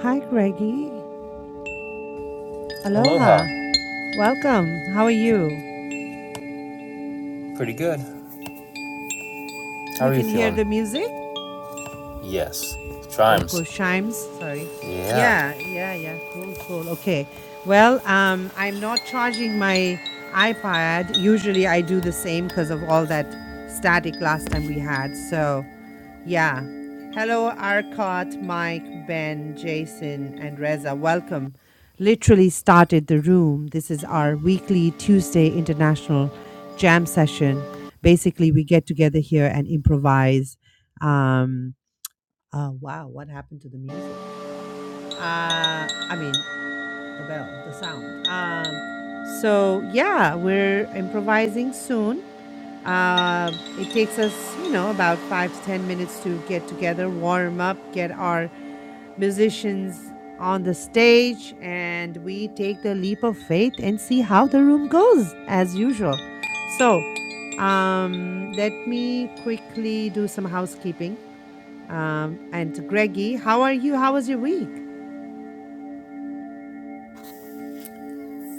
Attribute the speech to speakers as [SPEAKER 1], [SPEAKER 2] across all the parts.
[SPEAKER 1] Hi, Greggy. Aloha.
[SPEAKER 2] Aloha.
[SPEAKER 1] Welcome. How are you?
[SPEAKER 2] Pretty good. How
[SPEAKER 1] You
[SPEAKER 2] are you
[SPEAKER 1] can hear
[SPEAKER 2] feeling?
[SPEAKER 1] the music?
[SPEAKER 2] Yes.
[SPEAKER 1] the
[SPEAKER 2] Chimes.
[SPEAKER 1] Koshimes. Sorry.
[SPEAKER 2] Yeah.
[SPEAKER 1] Yeah, yeah, yeah. Cool, cool. Okay. Well, um, I'm not charging my iPad. Usually I do the same because of all that static last time we had. So, yeah. Hello, Arcot, Mike, Ben, Jason, and Reza. Welcome. Literally started the room. This is our weekly Tuesday international jam session. Basically, we get together here and improvise. Um, uh, wow, what happened to the music? Uh, I mean, the bell, the sound. Um, so yeah, we're improvising soon. Uh, it takes us, you know, about five to ten minutes to get together, warm up, get our musicians on the stage, and we take the leap of faith and see how the room goes as usual. So, um, let me quickly do some housekeeping. Um, and Greggy, how are you? How was your week?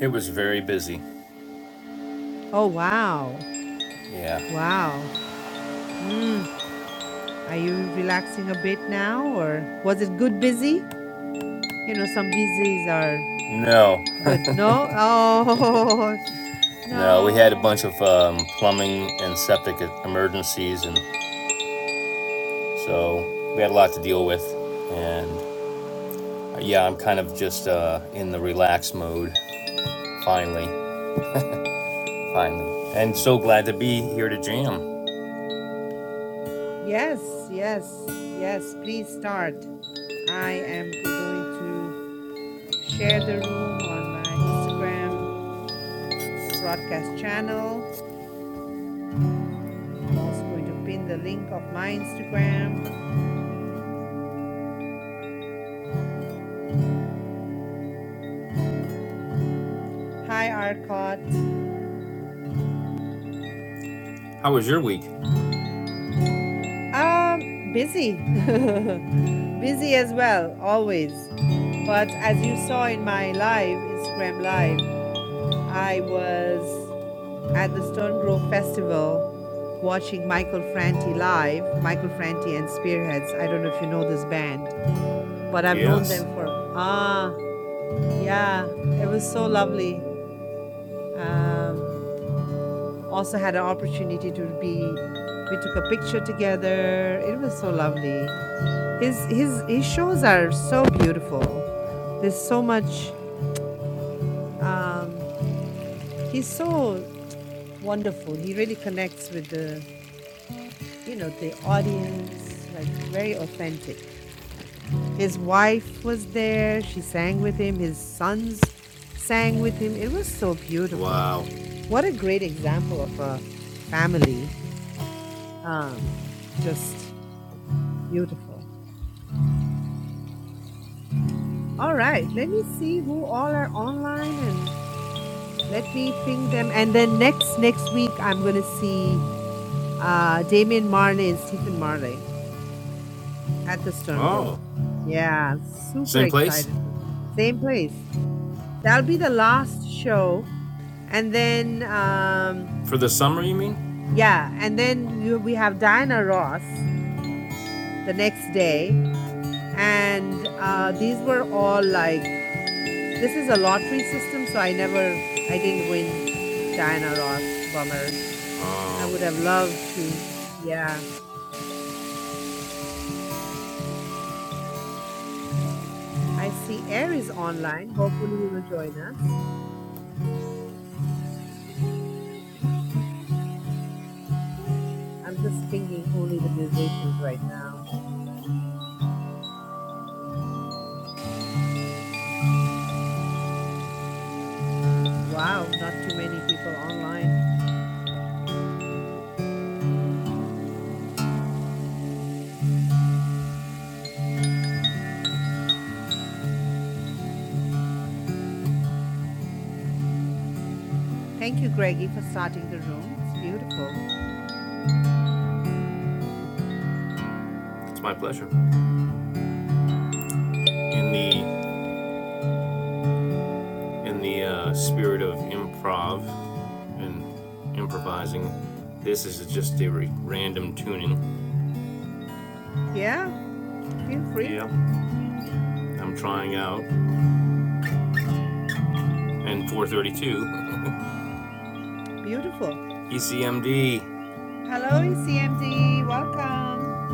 [SPEAKER 2] It was very busy.
[SPEAKER 1] Oh, wow.
[SPEAKER 2] Yeah.
[SPEAKER 1] Wow. Mm. Are you relaxing a bit now or was it good busy? You know, some busies are
[SPEAKER 2] No.
[SPEAKER 1] good. No? Oh,
[SPEAKER 2] No. We had a bunch
[SPEAKER 1] no.
[SPEAKER 2] of um, plumbing and septic e-, emergencies, and so we had a lot to deal with. And uh, yeah, I'm kind of just uh, in the relax mode. Finally. Finally. And so glad to be here to jam.
[SPEAKER 1] Yes, yes, yes. Please start. I am going to share the room on my Instagram broadcast channel. I'm also going to pin the link of my Instagram. Hi, Arcot.
[SPEAKER 2] How was your week?
[SPEAKER 1] Um, busy. Busy as well, always. But as you saw in my live, Instagram live, I was at the Stone Grove Festival watching Michael Franti live, Michael Franti and Spearheads. I don't know if you know this band, but I've known them
[SPEAKER 2] Yes.
[SPEAKER 1] for ah, yeah, it was so lovely. Also had an opportunity to be we took a picture together. It was so lovely. His his his shows are so beautiful. There's so much. Um, he's so wonderful. He really connects with the you know the audience, like very authentic. His wife was there. She sang with him. His sons sang with him. It was so beautiful.
[SPEAKER 2] Wow.
[SPEAKER 1] What a great example of a family. Um, just beautiful. All right, let me see who all are online and Let me ping them, and then next next week I'm gonna see uh, Damien Marley and Stephen Marley at the Stone
[SPEAKER 2] Oh.
[SPEAKER 1] Grove. Yeah, I'm super
[SPEAKER 2] Same place?
[SPEAKER 1] excited. For same place. That'll be the last show, and then um,
[SPEAKER 2] For the summer, you mean?
[SPEAKER 1] yeah, and then you, we have Diana Ross the next day, and uh, these were all like this is a lottery system, so I never I didn't win Diana Ross. Bummer. I
[SPEAKER 2] Oh.
[SPEAKER 1] would have loved to. Yeah. I see Aries online. Hopefully, he will join us. I'm just pinging only the musicians right now. Wow, not too many people online. Thank you, Greggy, for starting the room. It's beautiful.
[SPEAKER 2] It's my pleasure. In the in the uh, spirit of improv and improvising, this is just a re- random tuning.
[SPEAKER 1] Yeah, feel free.
[SPEAKER 2] Yeah, I'm trying out. And 432,
[SPEAKER 1] Beautiful.
[SPEAKER 2] ECMD.
[SPEAKER 1] Hello, ECMD. Welcome.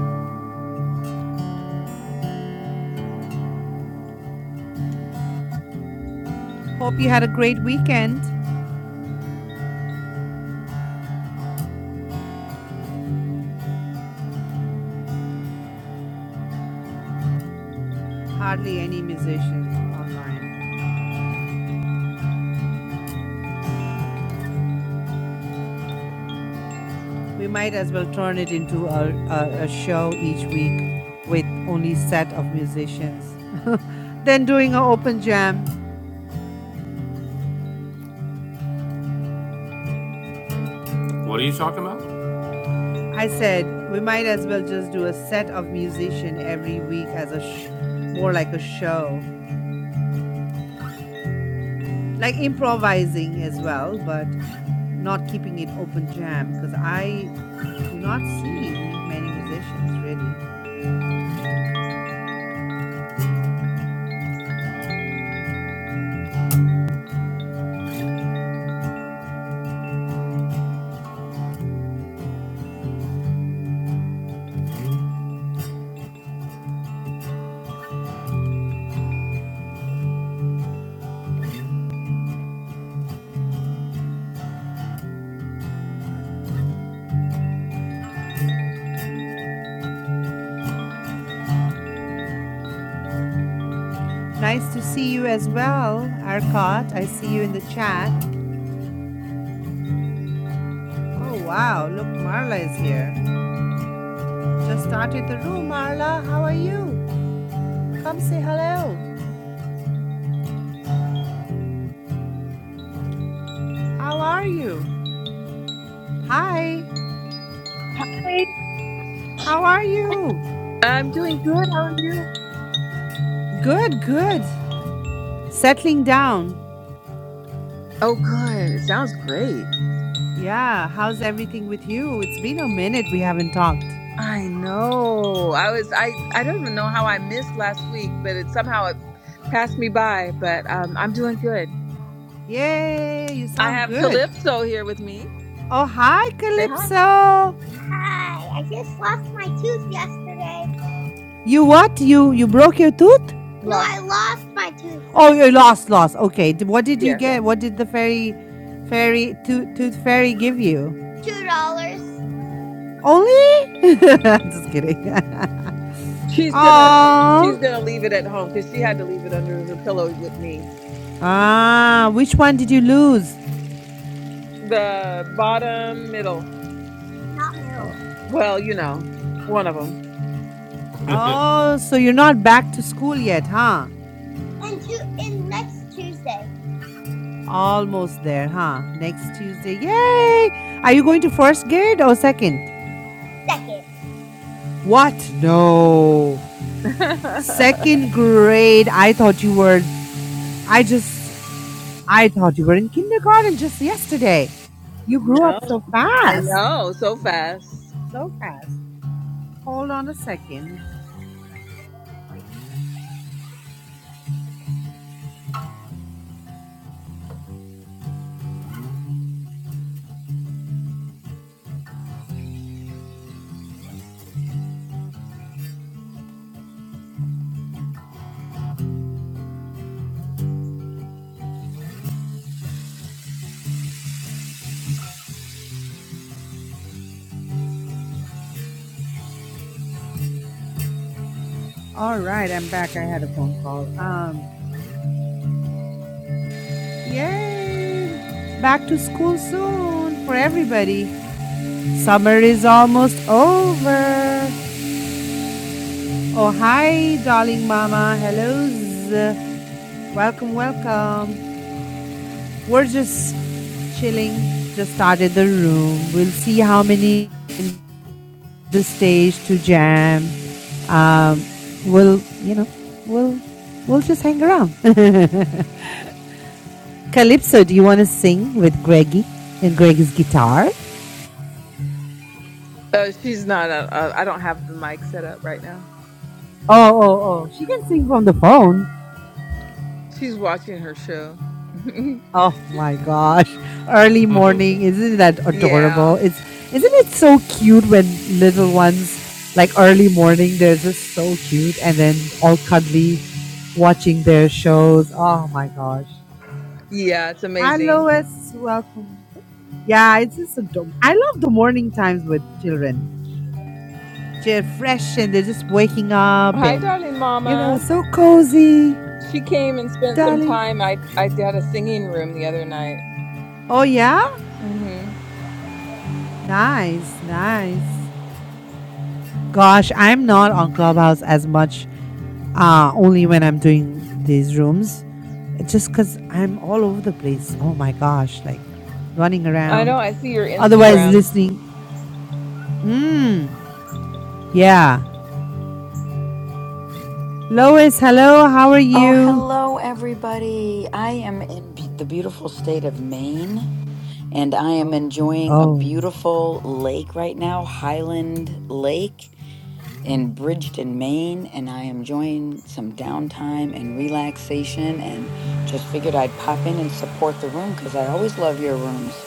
[SPEAKER 1] Hope you had a great weekend. Hardly any musician online. We might as well turn it into a, a, a show each week with only set of musicians. then doing an open jam
[SPEAKER 2] What are you talking about?
[SPEAKER 1] I said we might as well just do a set of musician every week as a sh- more like a show, like improvising as well, but not keeping it open jam because I do not see many musicians really. Nice to see you as well, Arcot. I see you in the chat. Oh wow, look, Marla is here. Just started the room, Marla. How are you? Come say hello. How are you? Hi.
[SPEAKER 3] Hey,
[SPEAKER 1] How are you?
[SPEAKER 3] I'm doing good. How are you?
[SPEAKER 1] Good, good. Settling down.
[SPEAKER 3] Oh, good. It sounds great.
[SPEAKER 1] Yeah, how's everything with you? It's been a minute we haven't talked.
[SPEAKER 3] I know. I was. I. I don't even know how I missed last week, but it somehow it passed me by. But um, I'm doing good.
[SPEAKER 1] Yay, you
[SPEAKER 3] I
[SPEAKER 1] sound
[SPEAKER 3] have
[SPEAKER 1] good.
[SPEAKER 3] Calypso here with me.
[SPEAKER 1] Oh, hi,
[SPEAKER 3] Say hi.
[SPEAKER 1] Calypso. You what? You you broke your tooth?
[SPEAKER 3] No, I lost my tooth.
[SPEAKER 1] Oh, you
[SPEAKER 3] yesterday.
[SPEAKER 1] lost, lost. Okay. d- What did you
[SPEAKER 3] Yeah.
[SPEAKER 1] get? What did the fairy fairy tooth tooth fairy give you? Only? Just kidding.
[SPEAKER 3] She's gonna. She's
[SPEAKER 1] Oh.
[SPEAKER 3] gonna leave it at home because she had to leave it under her pillow with me.
[SPEAKER 1] Ah, which one did you lose?
[SPEAKER 3] The bottom middle. Well, you know, one of
[SPEAKER 1] Oh, so you're not back to school yet, huh? Almost there, huh? Next Tuesday. Yay! Are you going to first grade or second? What? No.
[SPEAKER 3] them.
[SPEAKER 1] Second grade. I thought you were I just I thought you were in kindergarten just yesterday. You grew up
[SPEAKER 3] No,
[SPEAKER 1] so
[SPEAKER 3] I
[SPEAKER 1] fast.
[SPEAKER 3] know. So fast.
[SPEAKER 1] So fast. Hold on a second. All right, I'm back. I had a phone call. Um yay! Back to school soon for everybody. Summer is almost over. Oh, hi, darling mama. Hellos. Welcome, welcome. We're just chilling. Just started the room. We'll see how many the stage to jam. Um, we'll, you know, we'll, we'll just hang around. Calypso, do you want to sing with Greggy and Greg's guitar?
[SPEAKER 3] Uh, she's not. Uh, uh, I don't have the mic set up right now.
[SPEAKER 1] Oh, oh, oh. She can sing from the phone.
[SPEAKER 3] She's watching her show.
[SPEAKER 1] Oh my gosh. Early morning, isn't that
[SPEAKER 3] yeah,
[SPEAKER 1] adorable? It's isn't it so cute when little ones like early morning, they're just so cute and then all cuddly watching their shows. Oh my gosh.
[SPEAKER 3] yeah, it's
[SPEAKER 1] Hi
[SPEAKER 3] amazing.
[SPEAKER 1] Lois, welcome. Yeah, it's just adorable. I love the morning times with children. They're fresh and they're just waking up
[SPEAKER 3] Hi,
[SPEAKER 1] and
[SPEAKER 3] darling
[SPEAKER 1] you know,
[SPEAKER 3] mama.
[SPEAKER 1] so cozy,
[SPEAKER 3] She came and spent some
[SPEAKER 1] darling.
[SPEAKER 3] time. I I had a singing room the other night.
[SPEAKER 1] Oh yeah?
[SPEAKER 3] hmm
[SPEAKER 1] Nice, nice. Gosh, I'm not on Clubhouse as much, uh, only when I'm doing these rooms. It's Just because I'm all over the place. Oh my gosh, like running
[SPEAKER 3] I know.
[SPEAKER 1] around.
[SPEAKER 3] I see your
[SPEAKER 1] Otherwise,
[SPEAKER 3] Instagram.
[SPEAKER 1] listening. Mmm, yeah. Lois, hello, how are
[SPEAKER 4] Oh,
[SPEAKER 1] you?
[SPEAKER 4] hello, everybody. I am in be- the beautiful state of Maine and I am enjoying a
[SPEAKER 1] Oh.
[SPEAKER 4] beautiful lake right now, Highland Lake in Bridgeton, Maine. And I am enjoying some downtime and relaxation and just figured I'd pop in and support the room because I always love your rooms.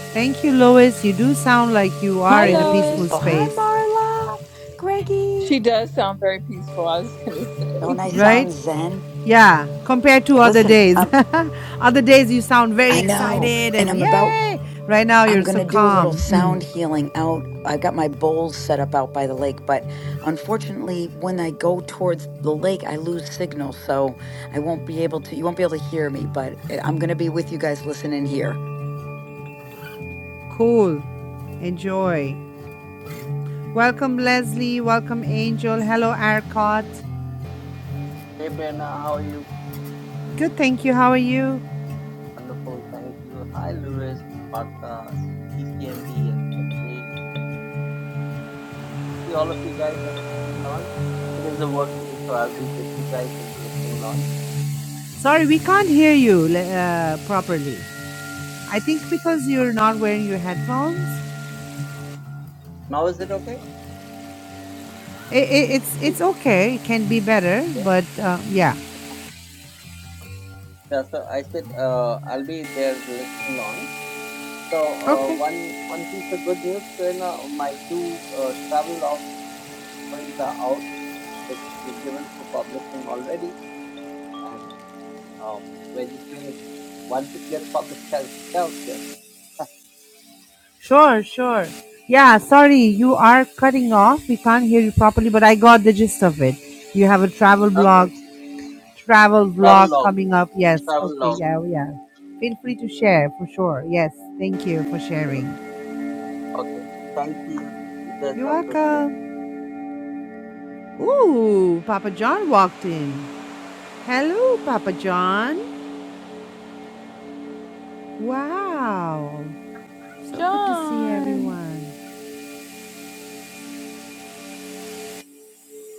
[SPEAKER 1] Thank you, Lois. You do sound like you
[SPEAKER 3] Hi,
[SPEAKER 1] are in a
[SPEAKER 4] Very
[SPEAKER 1] peaceful
[SPEAKER 4] peaceful.
[SPEAKER 3] Lois.
[SPEAKER 4] Hi,
[SPEAKER 1] space,
[SPEAKER 4] Marla, Greggy.
[SPEAKER 3] She does sound very peaceful. I was gonna say.
[SPEAKER 4] Don't I
[SPEAKER 1] right?
[SPEAKER 4] sound zen?
[SPEAKER 1] Yeah, compared to other
[SPEAKER 4] Listen,
[SPEAKER 1] days.
[SPEAKER 4] um,
[SPEAKER 1] other days you sound very
[SPEAKER 4] I know,
[SPEAKER 1] excited
[SPEAKER 4] and
[SPEAKER 1] and
[SPEAKER 4] I'm about
[SPEAKER 1] yay! Right now
[SPEAKER 4] I'm
[SPEAKER 1] you're
[SPEAKER 4] going
[SPEAKER 1] so
[SPEAKER 4] to do a little
[SPEAKER 1] calm. Mm.
[SPEAKER 4] sound healing out. I've got my bowls set up out by the lake, but unfortunately, when I go towards the lake, I lose signal. So I won't be able to, you won't be able to hear me, but I- I'm going to be with you guys listening here.
[SPEAKER 1] Cool. Enjoy. Welcome, Leslie. Welcome, Angel. Hello, Arcot.
[SPEAKER 5] Hey Prerna, how are you?
[SPEAKER 1] Good, thank you. How are you?
[SPEAKER 5] Wonderful, thank you. Hi Lewis, Martha, ECMD, and Gregory. See all of you guys are on the same launch. Today's a work day, so I'll be with you guys in the listening launch.
[SPEAKER 1] Sorry, we can't hear you uh, properly. I think because you're not wearing your headphones.
[SPEAKER 5] Now is it okay?
[SPEAKER 1] It, it, it's
[SPEAKER 5] Good.
[SPEAKER 1] it's okay. It can be better,
[SPEAKER 5] Yeah.
[SPEAKER 1] but uh, yeah.
[SPEAKER 5] yeah so I said uh, I'll be there the listening launch. So uh,
[SPEAKER 1] Okay.
[SPEAKER 5] one one piece of good news, Prerna, my two uh, travel log stories are out. It's given for publishing already, and um, we're just waiting. Once it gets published, I'll get out here.
[SPEAKER 1] Sure, sure. Yeah. Sorry, you are cutting off. We can't hear you properly, but I got the gist of it. You have a travel blog
[SPEAKER 5] Okay.
[SPEAKER 1] travel
[SPEAKER 5] Travel
[SPEAKER 1] vlog
[SPEAKER 5] log.
[SPEAKER 1] coming up. Yes.
[SPEAKER 5] Travel
[SPEAKER 1] Okay.
[SPEAKER 5] log.
[SPEAKER 1] Yeah. Oh, Yeah. Feel free to share for sure. Yes. Thank you for sharing.
[SPEAKER 5] Okay. Thank you. You guys
[SPEAKER 1] You're
[SPEAKER 5] have a good day.
[SPEAKER 1] welcome. Ooh, Papa John walked in. Hello, Papa John. Wow. So good to see
[SPEAKER 3] John.
[SPEAKER 1] everyone.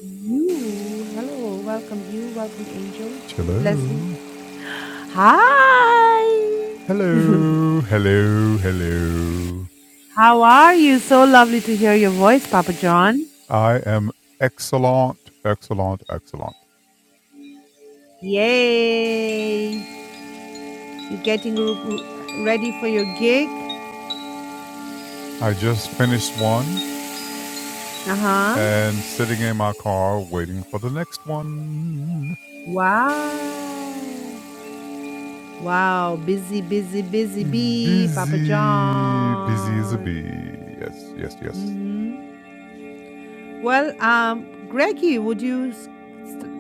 [SPEAKER 1] You. Hello. Welcome you. Welcome Angel.
[SPEAKER 6] Hello.
[SPEAKER 1] Leslie. Hi.
[SPEAKER 6] Hello. Hello. Hello.
[SPEAKER 1] How are you? So lovely to hear your voice, Papa John.
[SPEAKER 6] I am excellent, excellent, excellent.
[SPEAKER 1] Yay. You're getting r- ready for your gig.
[SPEAKER 6] I just finished one
[SPEAKER 1] Uh huh.
[SPEAKER 6] and sitting in my car waiting for the next one.
[SPEAKER 1] Wow. Wow. Busy, busy, busy bee, Papa
[SPEAKER 6] Busy. Busy as a
[SPEAKER 1] John.
[SPEAKER 6] bee. Yes, yes, yes.
[SPEAKER 1] hmm Well, um, Greggy, would you s- st-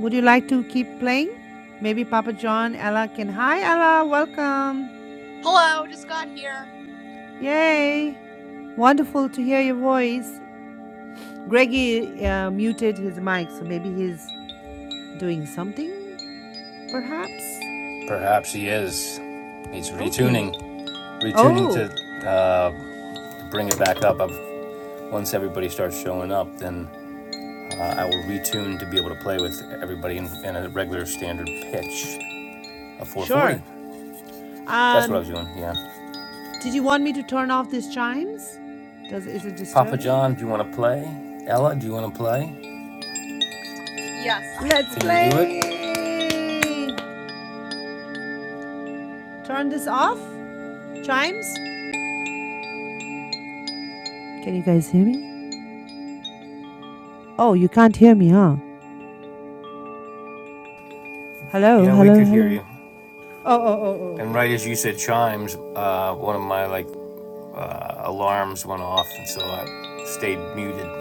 [SPEAKER 1] would you like to keep playing? Maybe Papa John, Ella can. Hi, Ella. Welcome. Yay. Wonderful to hear your voice. Greggy uh, muted his mic, so maybe he's doing something, perhaps.
[SPEAKER 2] Perhaps he is. He's
[SPEAKER 1] Okay.
[SPEAKER 2] retuning, retuning to
[SPEAKER 1] Oh.
[SPEAKER 2] uh, bring it back up. I've, once everybody starts showing up, then uh, I will retune to be able to play with everybody in, in a regular standard pitch of
[SPEAKER 1] Sure.
[SPEAKER 2] 440. That's what I was
[SPEAKER 1] Um,
[SPEAKER 2] doing. Yeah,
[SPEAKER 1] did you want me to turn off these chimes? Does is it
[SPEAKER 2] Papa John,
[SPEAKER 1] disturbing?
[SPEAKER 2] do you want to play? Ella, do you want to play?
[SPEAKER 1] Let's
[SPEAKER 2] Can you do it?
[SPEAKER 1] play. Turn this off. Chimes. Can you guys hear me? Oh, you can't hear me, huh? Hello,
[SPEAKER 2] Yeah, we
[SPEAKER 1] hello,
[SPEAKER 2] could hear
[SPEAKER 1] hello.
[SPEAKER 2] you.
[SPEAKER 1] Oh, oh, oh, oh
[SPEAKER 2] And
[SPEAKER 1] okay.
[SPEAKER 2] right as you said chimes, uh, one of my like uh, alarms went off, and so I stayed muted.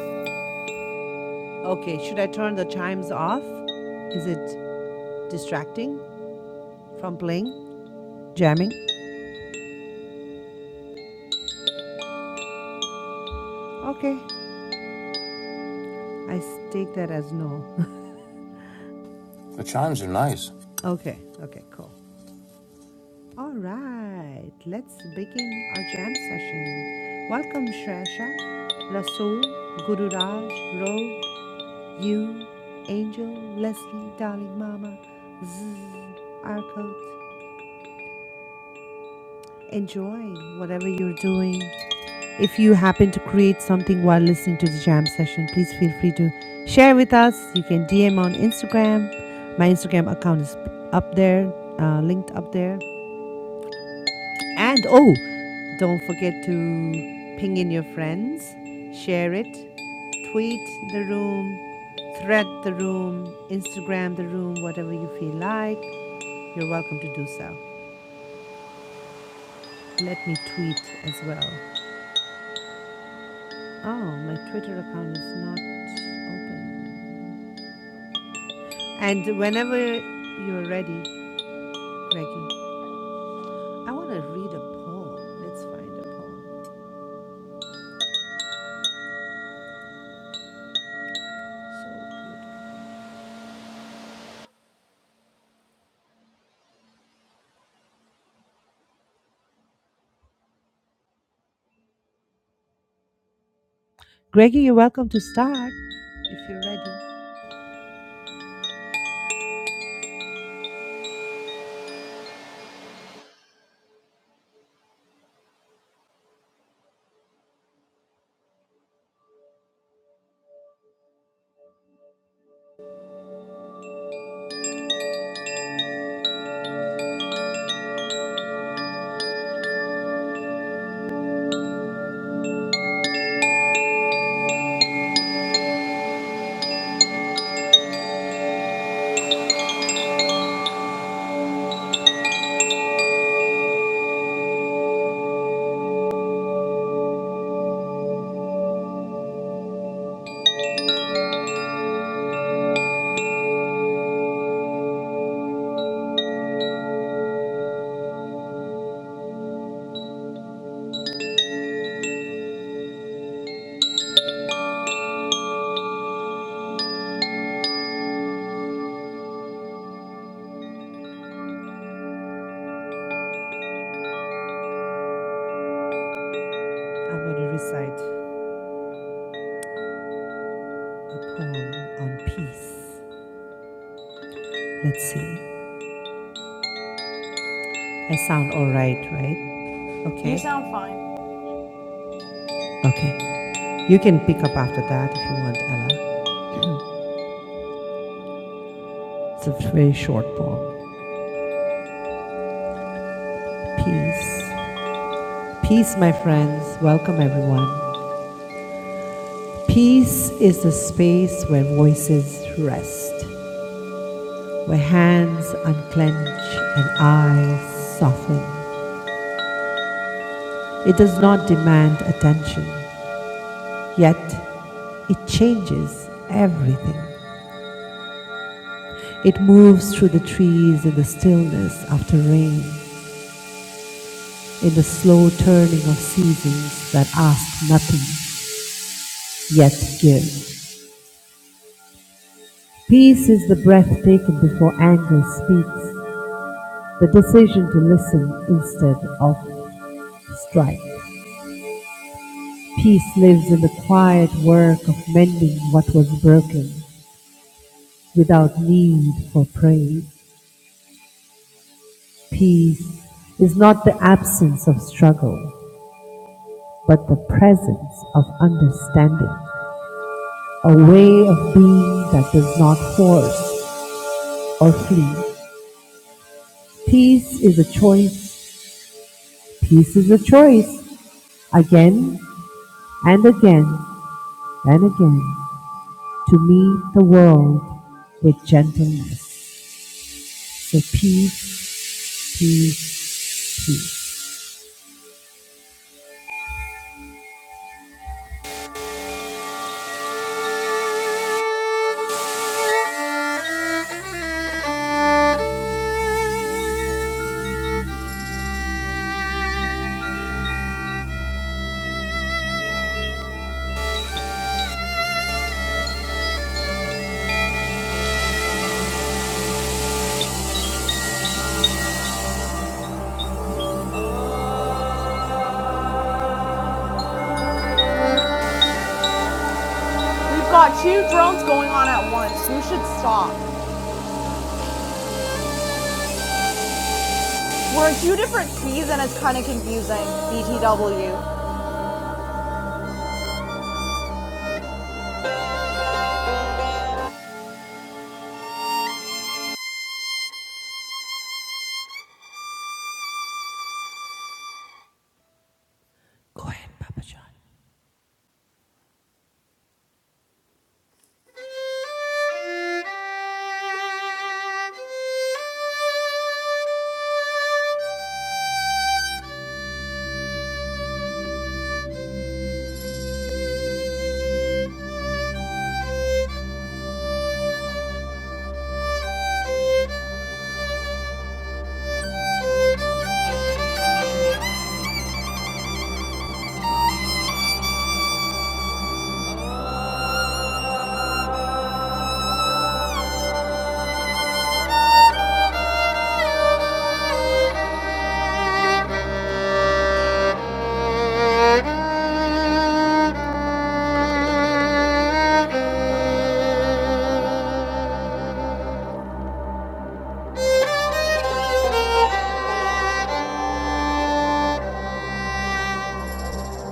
[SPEAKER 1] Okay. Should I turn the chimes off? Is it distracting from playing, jamming? Okay. I take that as no.
[SPEAKER 2] The chimes are nice.
[SPEAKER 1] Okay. Okay. Cool. All right, let's begin our jam session. Welcome, Shresha, Rasool, Guru Raj, Rogue, you, Angel, Leslie, Darling Mama, Zzz, Arcot. Enjoy whatever you're doing. If you happen to create something while listening to the jam session, please feel free to share with us. You can DM on Instagram. My Instagram account is up there, uh, linked up there. And oh, don't forget to ping in your friends, share it, tweet the room, thread the room, Instagram the room, whatever you feel like. You're welcome to do so. Let me tweet as well. Oh, my Twitter account is not open. And whenever you're ready, Greggy, I want to read a poem. Let's find a poem. So good. Greggy, you're welcome to start if you're ready. I'm going to recite. a poem on peace. Let's see. I sound all right, right?
[SPEAKER 7] You
[SPEAKER 1] Okay.
[SPEAKER 7] sound fine.
[SPEAKER 1] Okay. You can pick up after that if you want, Ella. It's a very short poem. Peace. Peace, my friends. Welcome, everyone. Peace is the space where voices rest, where hands unclench and eyes soften. It does not demand attention, yet it changes everything. It moves through the trees in the stillness after rain, in the slow turning of seasons that ask nothing, yet give. Peace is the breath taken before anger speaks, the decision to listen instead of strike. Peace lives in the quiet work of mending what was broken without need for praise. Peace is not the absence of struggle, but the presence of understanding. a way of being that does not force or flee. Peace is a choice. Peace is a choice. Again and again and again to meet the world with gentleness. So peace, peace, peace.
[SPEAKER 7] We've got two drones going on at once. You should stop. We're in two different keys and it's kind of confusing. BTW.
[SPEAKER 1] Go ahead, Papa John.
[SPEAKER 7] Thank you.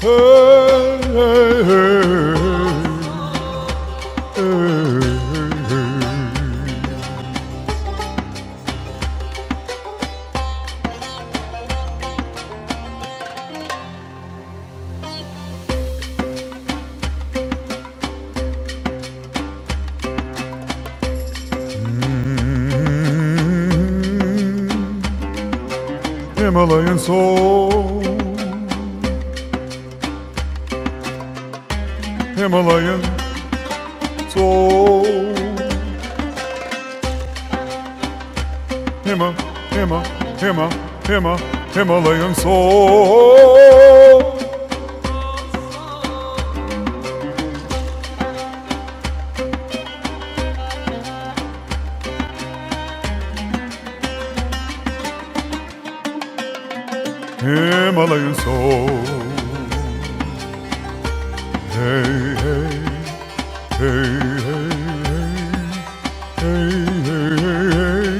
[SPEAKER 6] Hey, hey, hey, hey, hey. Himalayan soul. Himalayan soul. Hima, Hima, Hima, Hima, Himalayan soul. Himalayan soul. Hey, hey, hey, hey, hey, hey, hey, hey. hey.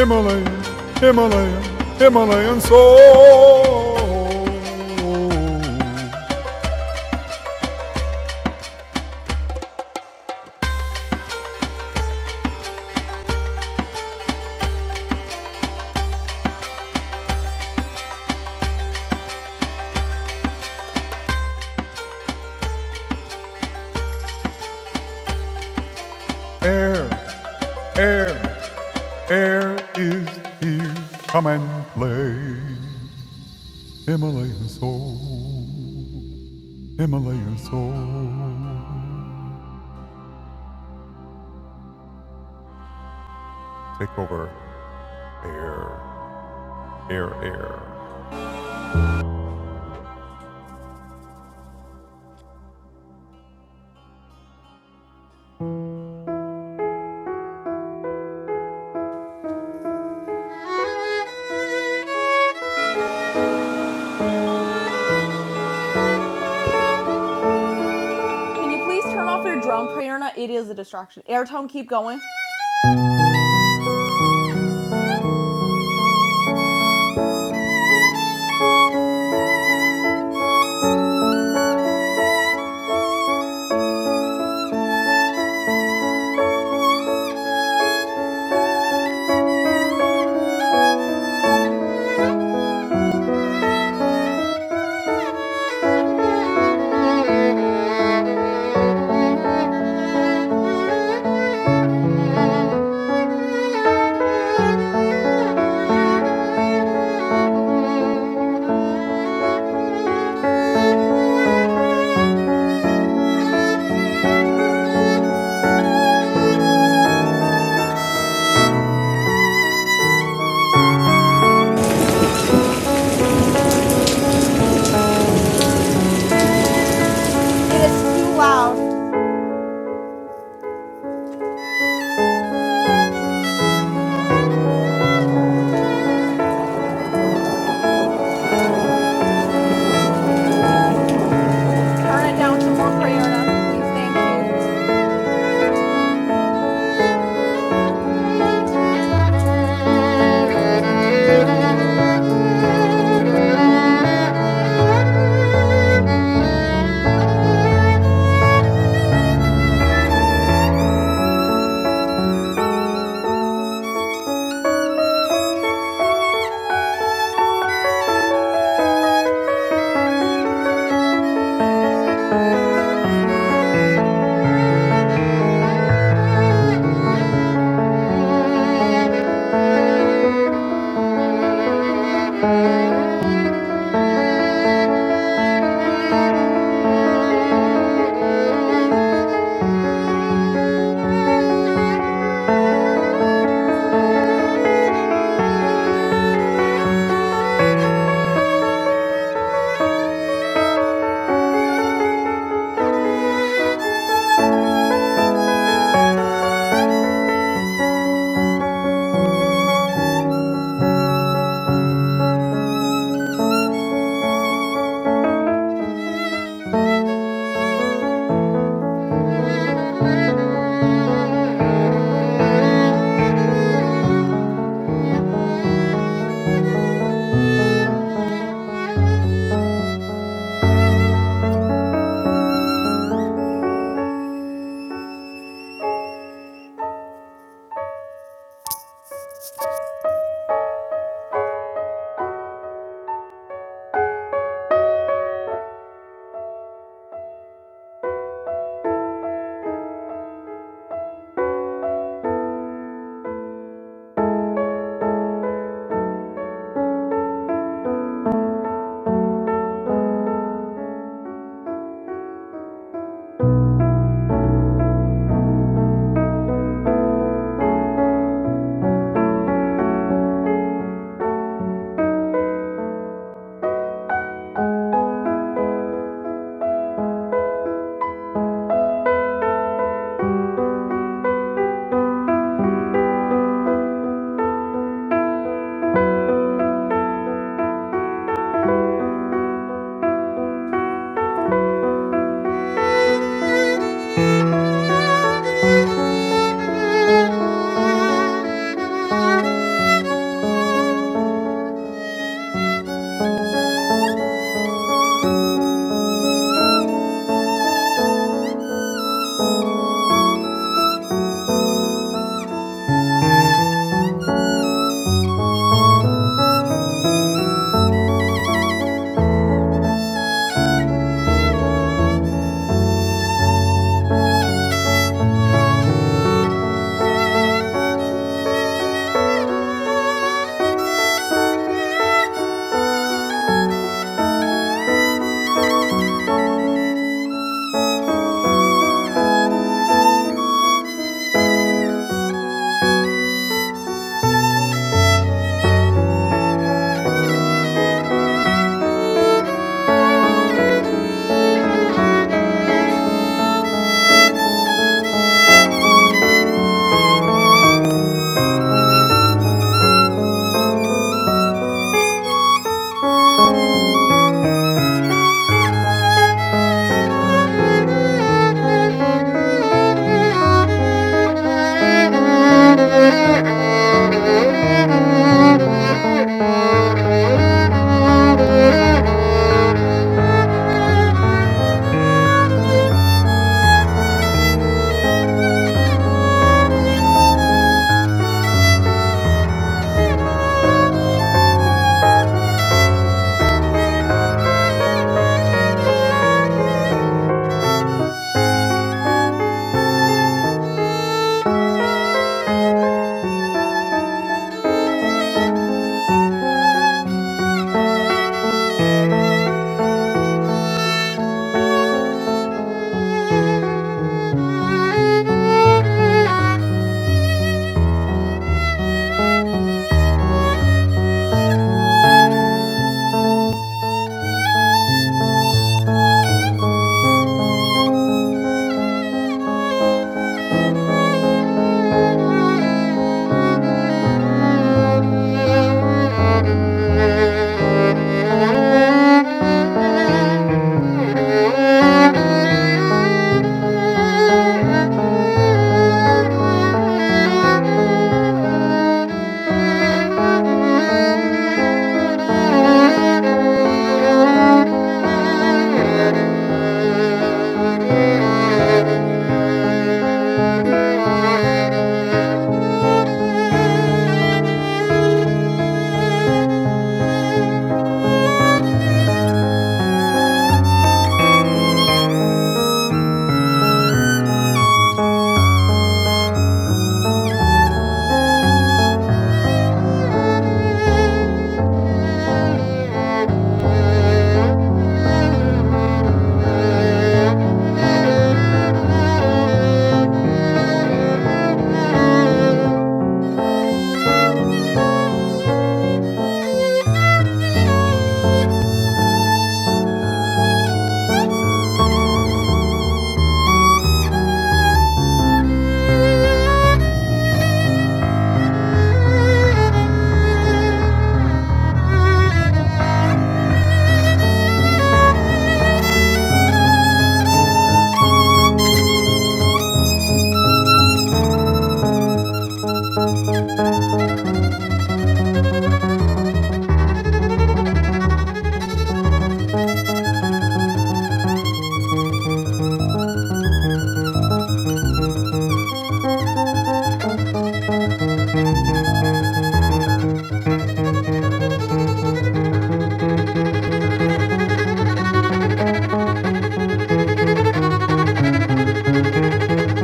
[SPEAKER 6] Himalayan, Himalayan, Himalayan soul. Air, air, air is here. Come and play. Himalayan soul, Himalayan soul. Take over air, air, air.
[SPEAKER 7] Can you please turn off your drone, Prerna? It is a distraction. Airtone, keep going. It is too loud. Turn it down some more, Prayerna. Please, thank you. Thank you. Thank you. Thank you. Thank you. Thank you. Thank you.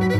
[SPEAKER 7] Thank you.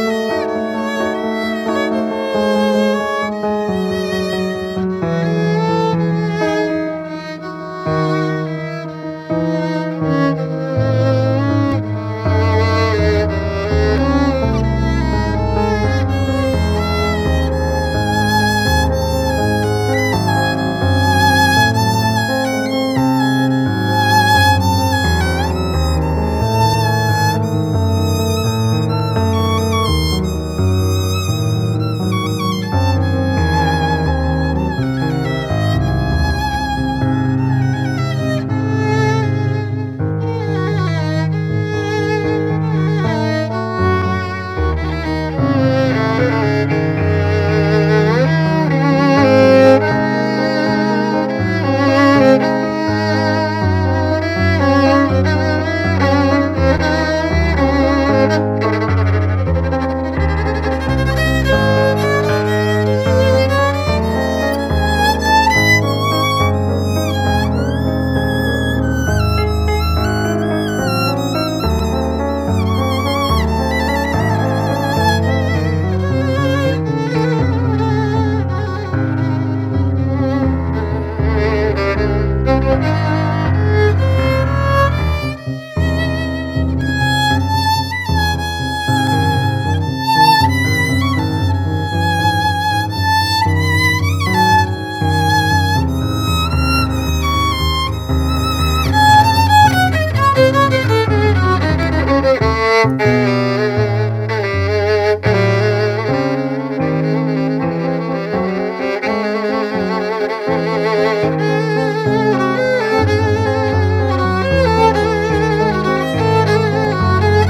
[SPEAKER 7] Thank you. Thank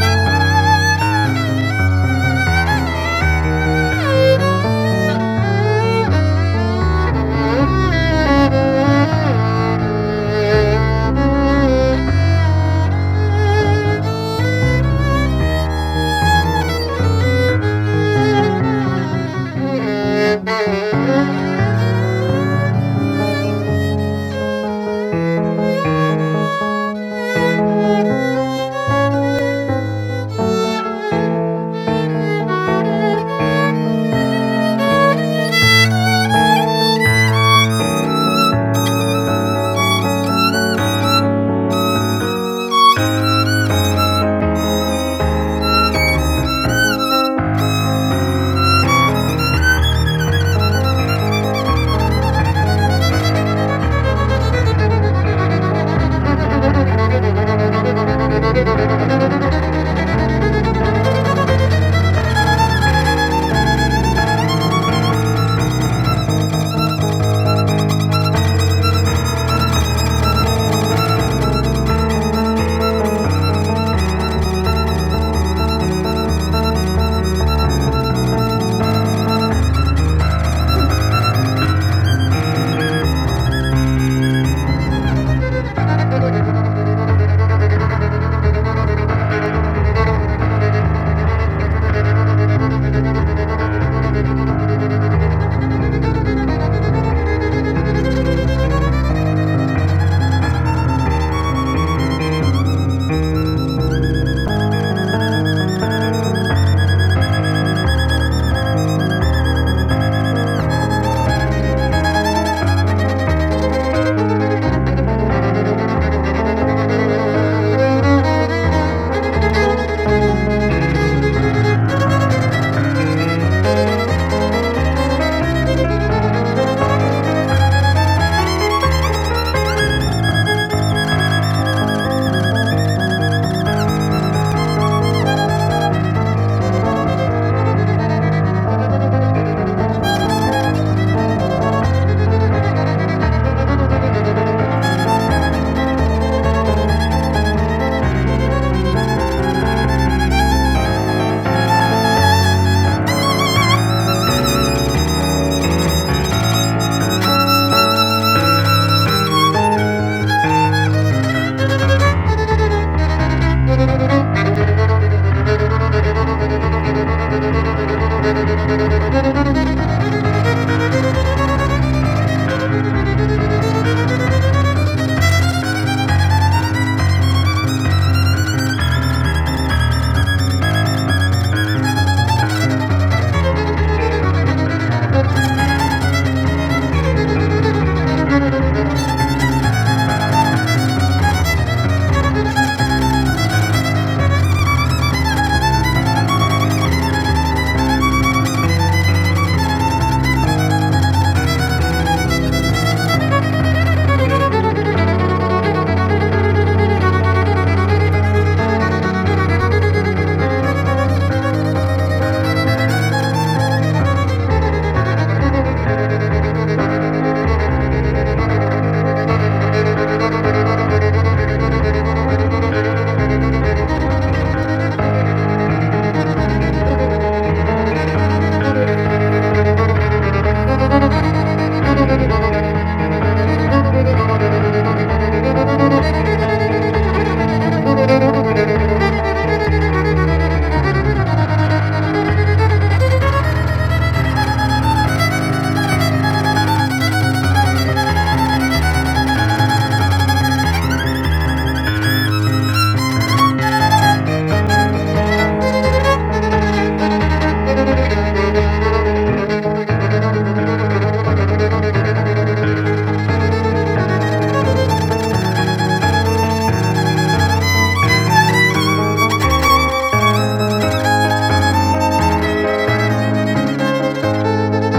[SPEAKER 7] you.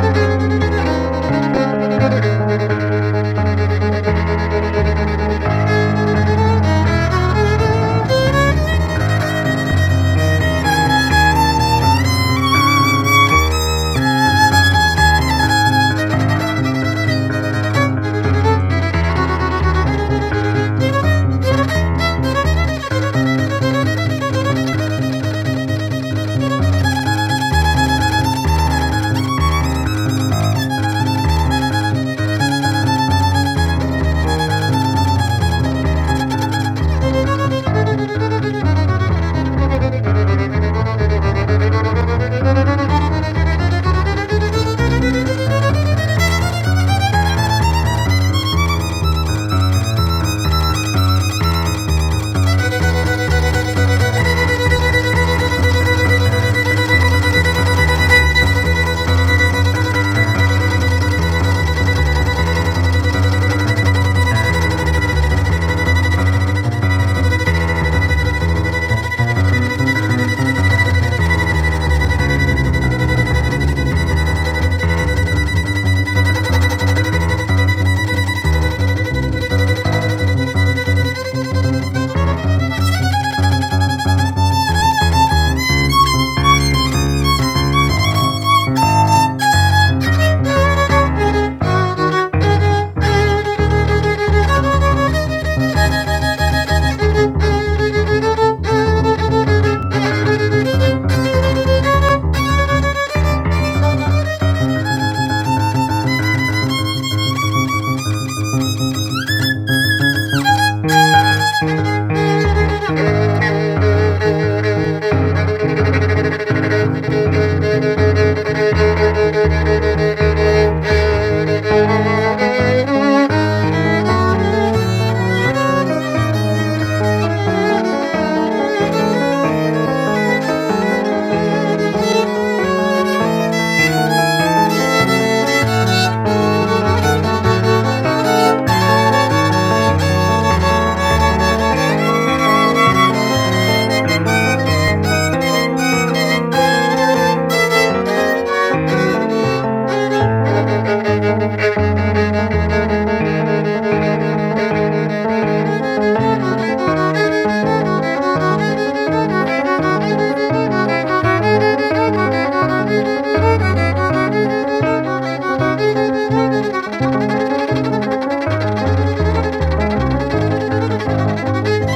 [SPEAKER 7] Thank you. Thank you. Thank you. Thank you. Thank you.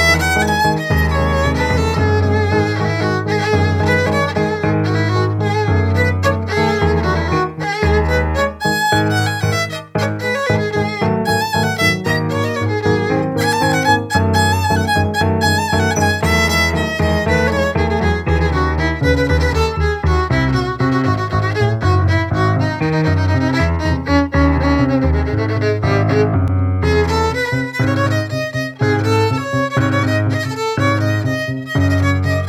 [SPEAKER 7] Thank you.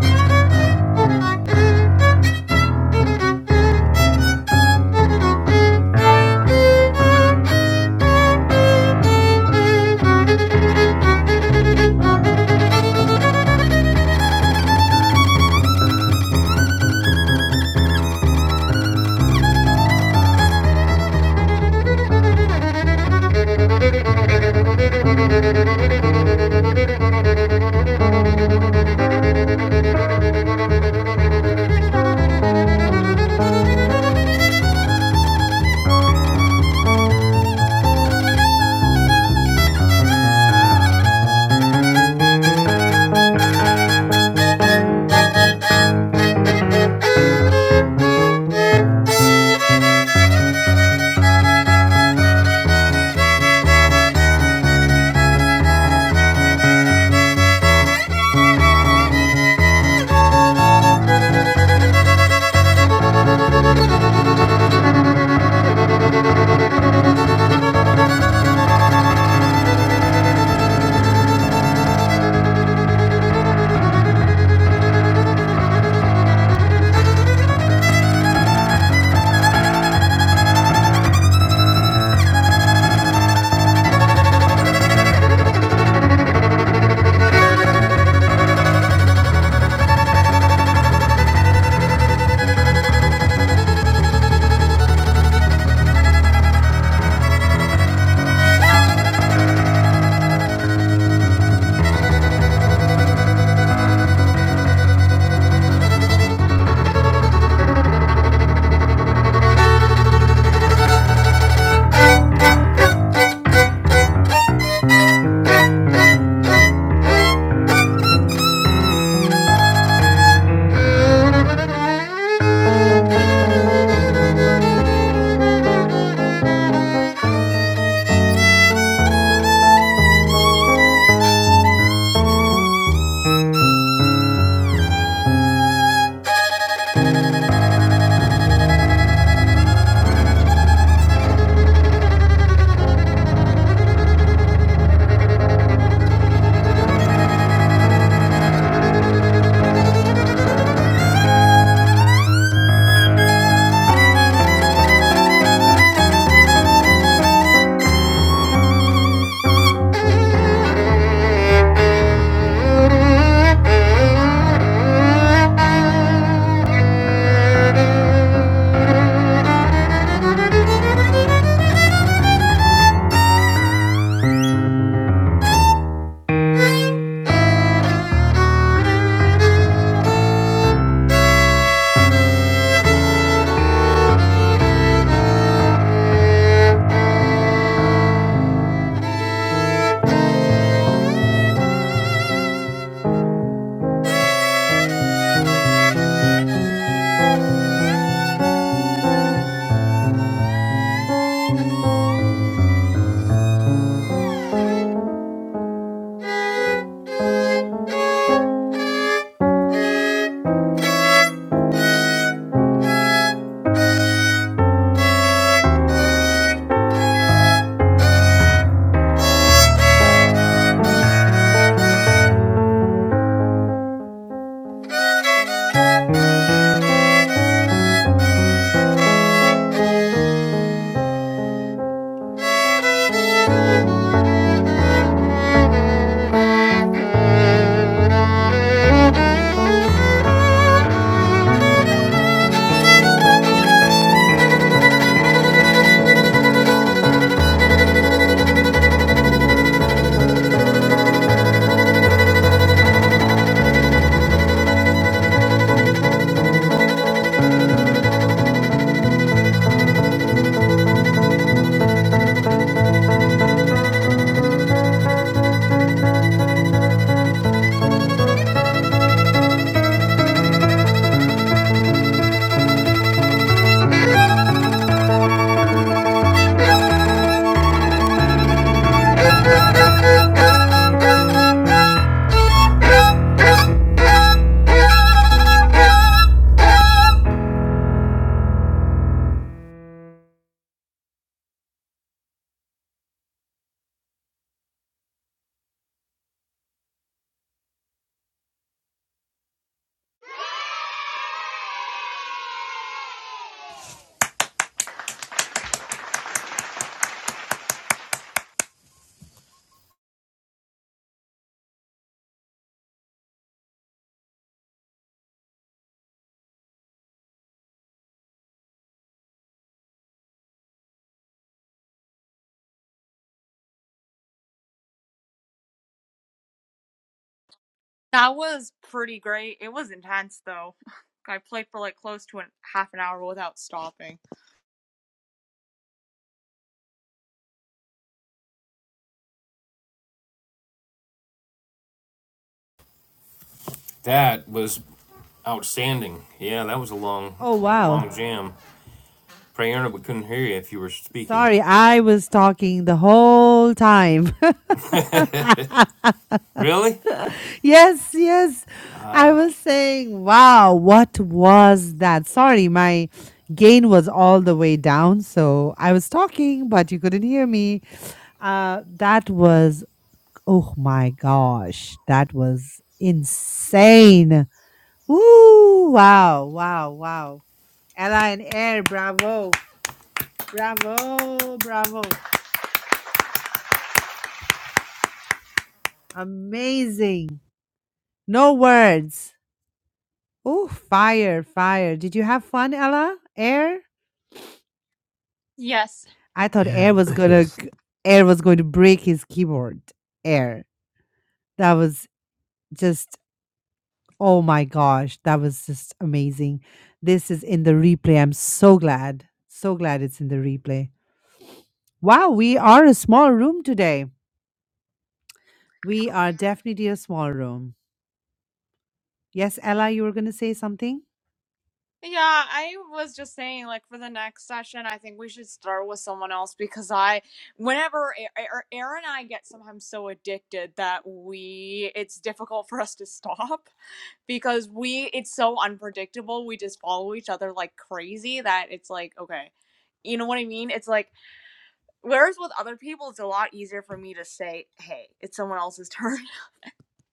[SPEAKER 7] Thank you. Thank you. Thank you.
[SPEAKER 2] That was outstanding. Yeah, that was a long,
[SPEAKER 1] Oh,
[SPEAKER 2] a long
[SPEAKER 1] wow.
[SPEAKER 2] jam. Prayerna, we couldn't hear you if you were speaking.
[SPEAKER 1] Sorry, I was talking the whole time.
[SPEAKER 2] Really?
[SPEAKER 1] Yes, yes. I was saying, wow, what was that? Sorry, my gain was all the way down. So I was talking, but you couldn't hear me. Uh, that was, oh my gosh, that was insane. Woo, wow, wow, wow. Ella and Air, bravo, bravo, bravo. Amazing. No words. Oh, fire, fire. Did you have fun, Ella? Air? I thought
[SPEAKER 8] Yeah.
[SPEAKER 1] Air was gonna
[SPEAKER 8] Yes.
[SPEAKER 1] g Air was going to break his keyboard. Air. That was just oh my gosh, that was just amazing. This is in the replay. I'm so glad, so glad it's in the replay. Wow, we are a small room today. We are definitely a small room. Yes, Ella, you were gonna say something?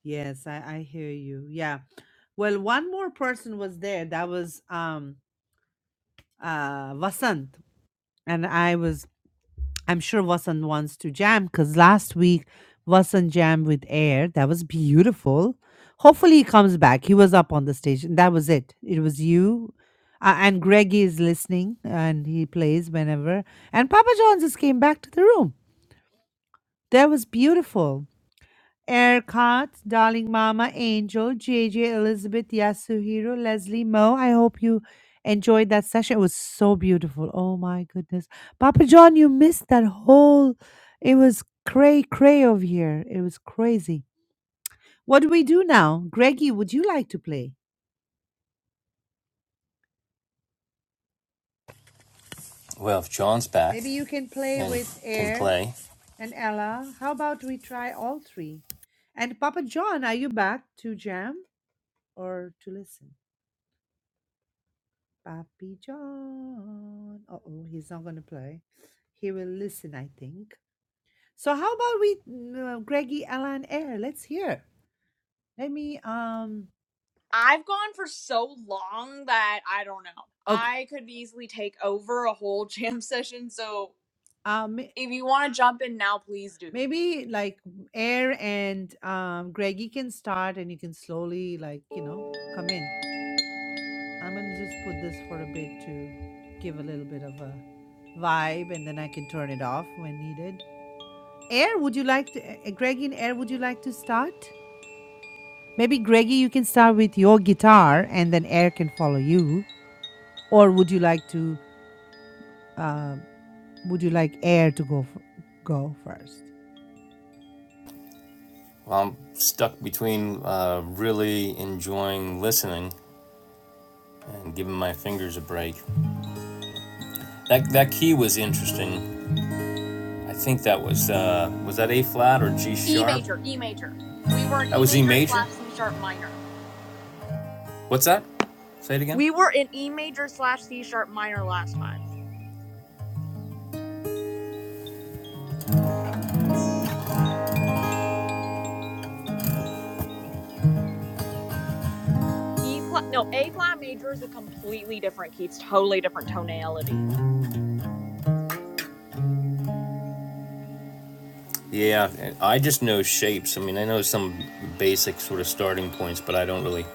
[SPEAKER 1] Yes, I, I hear you. Yeah. Well, one more person was there. That was um uh Vasant and I was I'm sure Vasant wants to jam because last week Vasant jammed with Air. That was beautiful. Hopefully he comes back. He was up on the stage. and That was it. It was you. Uh, and Greggy is listening and he plays whenever. And Papa John's just came back to the room. That was beautiful. Erkat, Darling Mama, Angel, JJ, Elizabeth, Yasuhiro, Leslie, Mo. I hope you enjoyed that session. It was so beautiful. Oh my goodness. Papa John, you missed that whole. It was cray cray over here. It was crazy. What do we do now? Greggy, would you like to play?
[SPEAKER 2] Well, if John's back
[SPEAKER 1] Maybe you can play
[SPEAKER 2] and
[SPEAKER 1] with
[SPEAKER 2] can
[SPEAKER 1] Air
[SPEAKER 2] play,
[SPEAKER 1] and Ella. How about we try all three? And Papa John, are you back to jam or to listen? Pappy John. Uh oh, he's not going to play. He will listen, I think. So how about we, uh, Greggy Alan Air? Let's hear. Let me. Um. Okay. Um. Maybe like Air and um Greggy can start, and you can slowly like you know come in. I'm gonna just put this for a bit to give a little bit of a vibe, and then I can turn it off when needed. Air, would you like to? uh, Greggy and Air, would you like to start? Maybe, Greggy, you can start with your guitar and then Air can follow you. Or would you like to, uh, would you like Air to go, f- go first?
[SPEAKER 2] well, I'm stuck between uh, really enjoying listening and giving my fingers a break. That that key was interesting. I think that was uh, was that A flat or G sharp? That was E major. What's that? Say it again. Yeah, I just know shapes. I mean, I know some basic sort of starting points, but I don't really.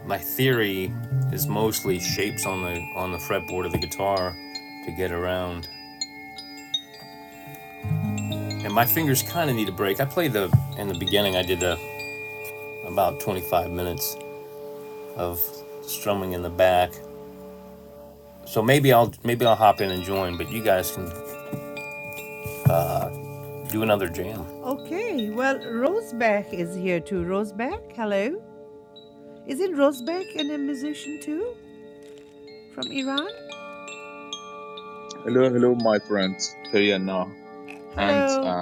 [SPEAKER 2] My theory is mostly shapes on the on the fretboard of the guitar to get around. And my fingers kind of need a break. I played the in the beginning. I did a, about 25 minutes of strumming in the back So maybe I'll maybe I'll hop in and join, but you guys can do another jam.
[SPEAKER 1] Okay, well, Rosebeck is here too. Rosebeck, hello. Isn't Rosebeck an- a musician too from Iran? Hello.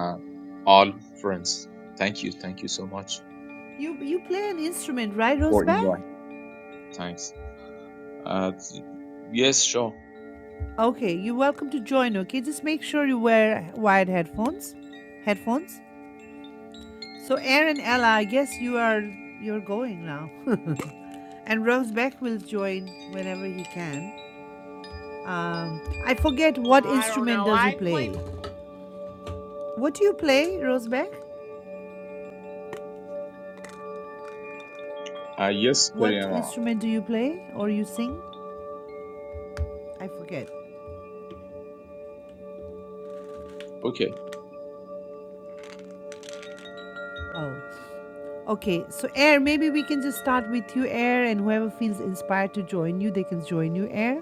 [SPEAKER 1] You you play an instrument, right, Rosebeck? Okay, you're welcome to join, okay? Just make sure you wear wired headphones. Headphones. So Air and Ella, I guess you are you're going now. And Rose Beck will join whenever he can. Um, I forget what instrument does he play. What do you play, Rose Beck? What instrument do you play or you sing? I forget. Oh, okay. So Air, maybe we can just start with you, Air, and whoever feels inspired to join you, they can join you, Air.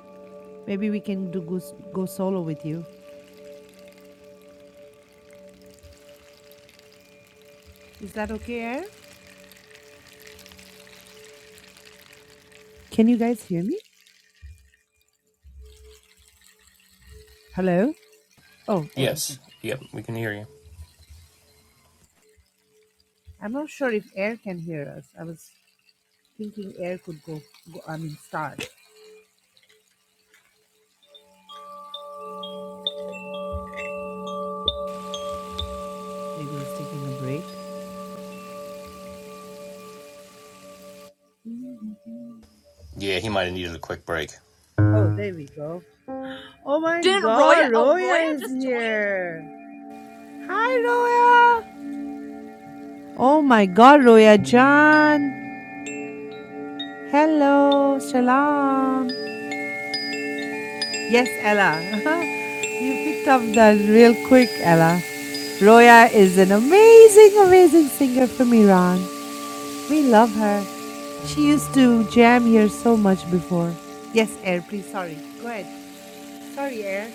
[SPEAKER 1] Maybe we can do go, go solo with you. Is that okay, Air? Can you guys hear me? Hello? Oh, oh, okay.
[SPEAKER 2] Yes. Yep. We can hear you.
[SPEAKER 1] I'm not sure if Air can hear us. I was thinking Air could go, go I mean, start. Maybe he's taking a break.
[SPEAKER 2] Yeah. He might have needed a quick break.
[SPEAKER 1] Oh, there we go. Oh my god, Roya is here. Hi, Roya. Oh my god, Roya John. Hello, Shalom. Yes, Ella. you picked up that real quick, Ella. Roya is an amazing, amazing singer from Iran. We love her. She used to jam here so much before. Yes, Air, please. Sorry. Go ahead. Sorry, Air.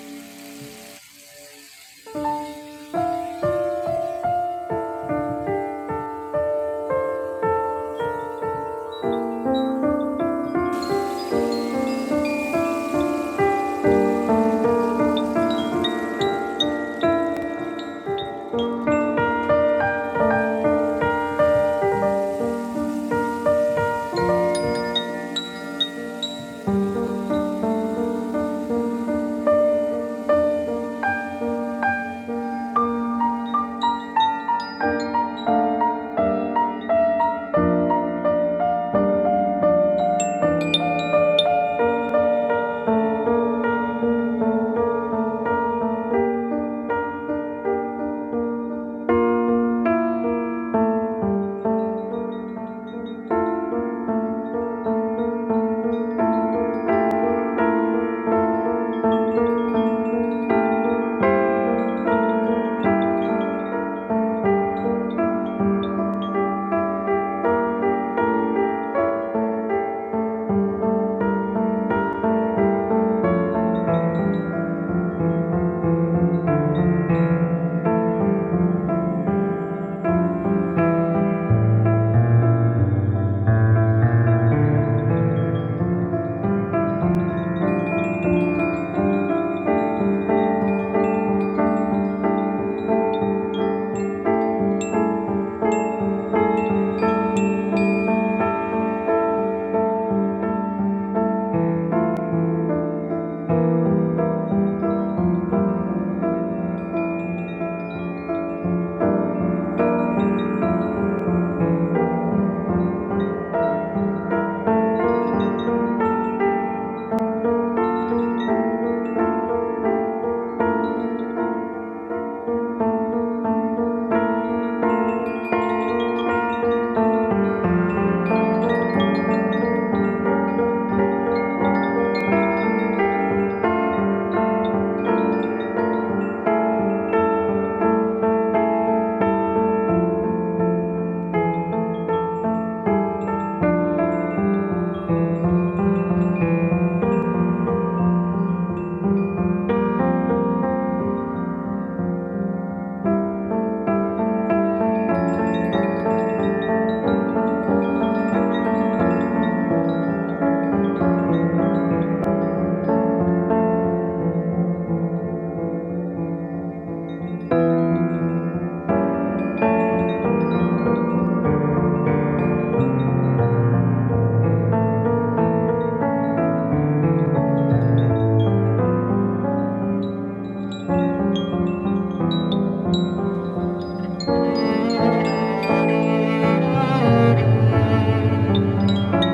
[SPEAKER 7] Thank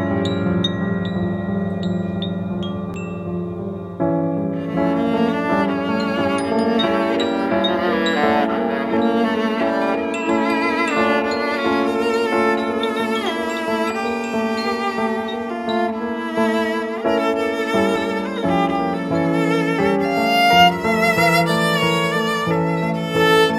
[SPEAKER 7] you. Thank you.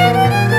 [SPEAKER 7] Thank you.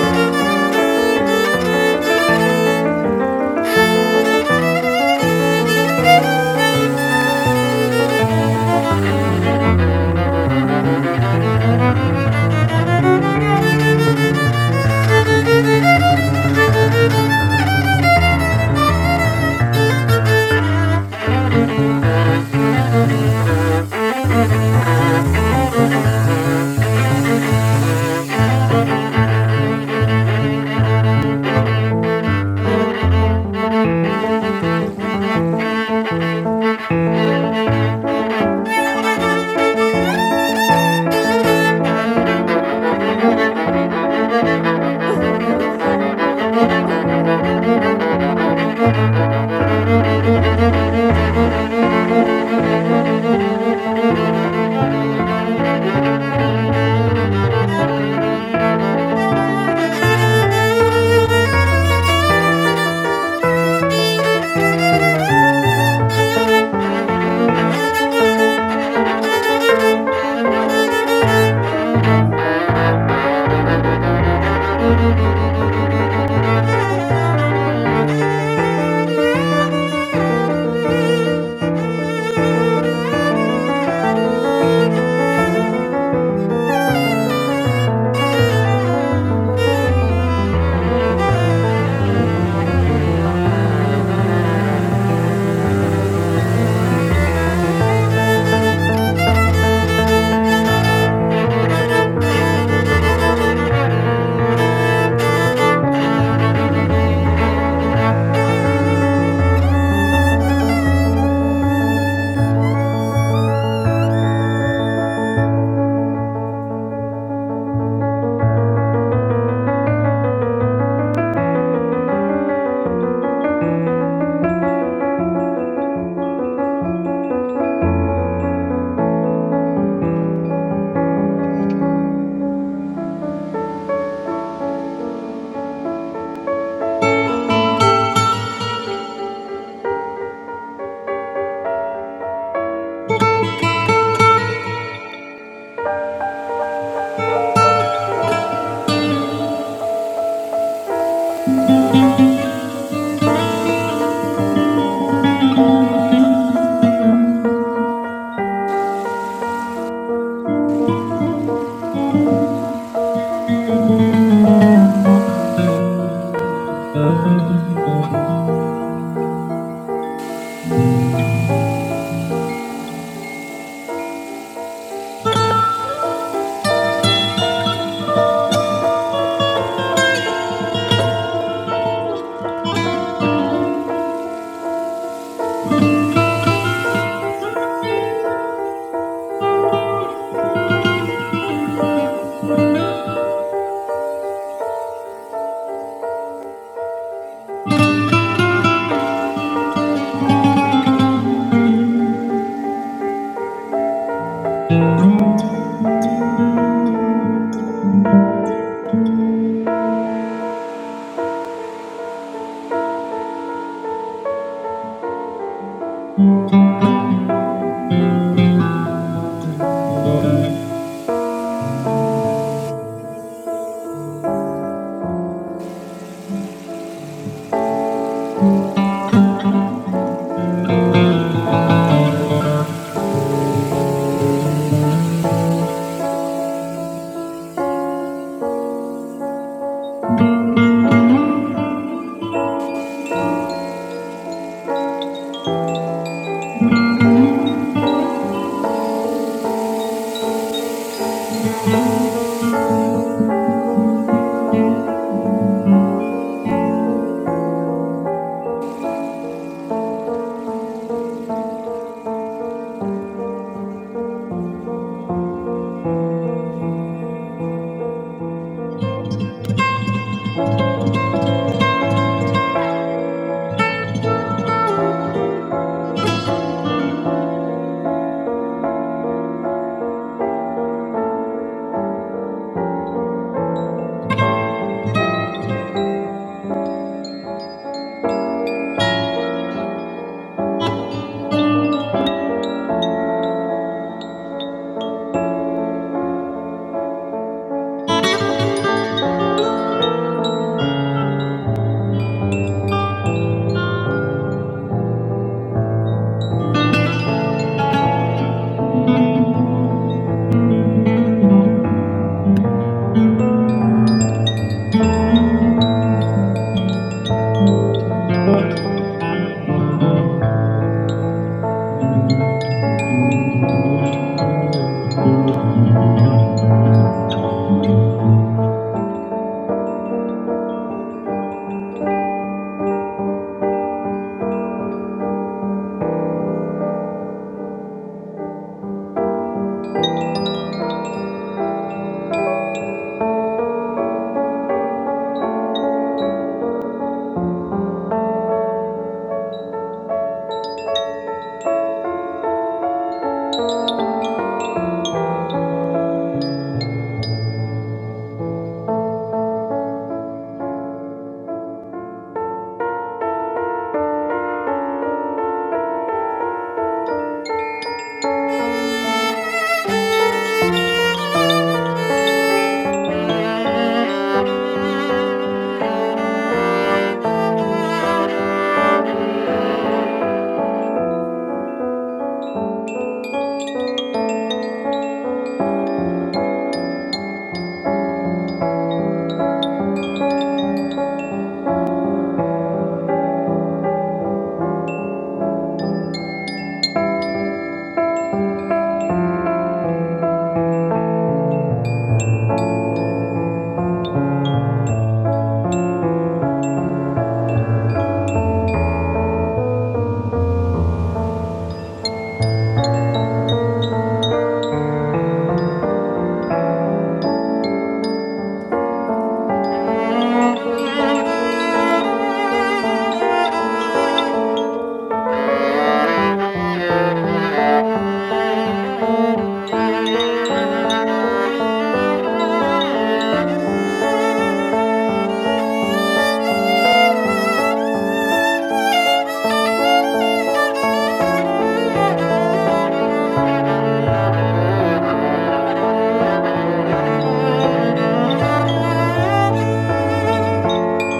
[SPEAKER 7] Thank you. Thank you. Thank you. Thank you. Thank you.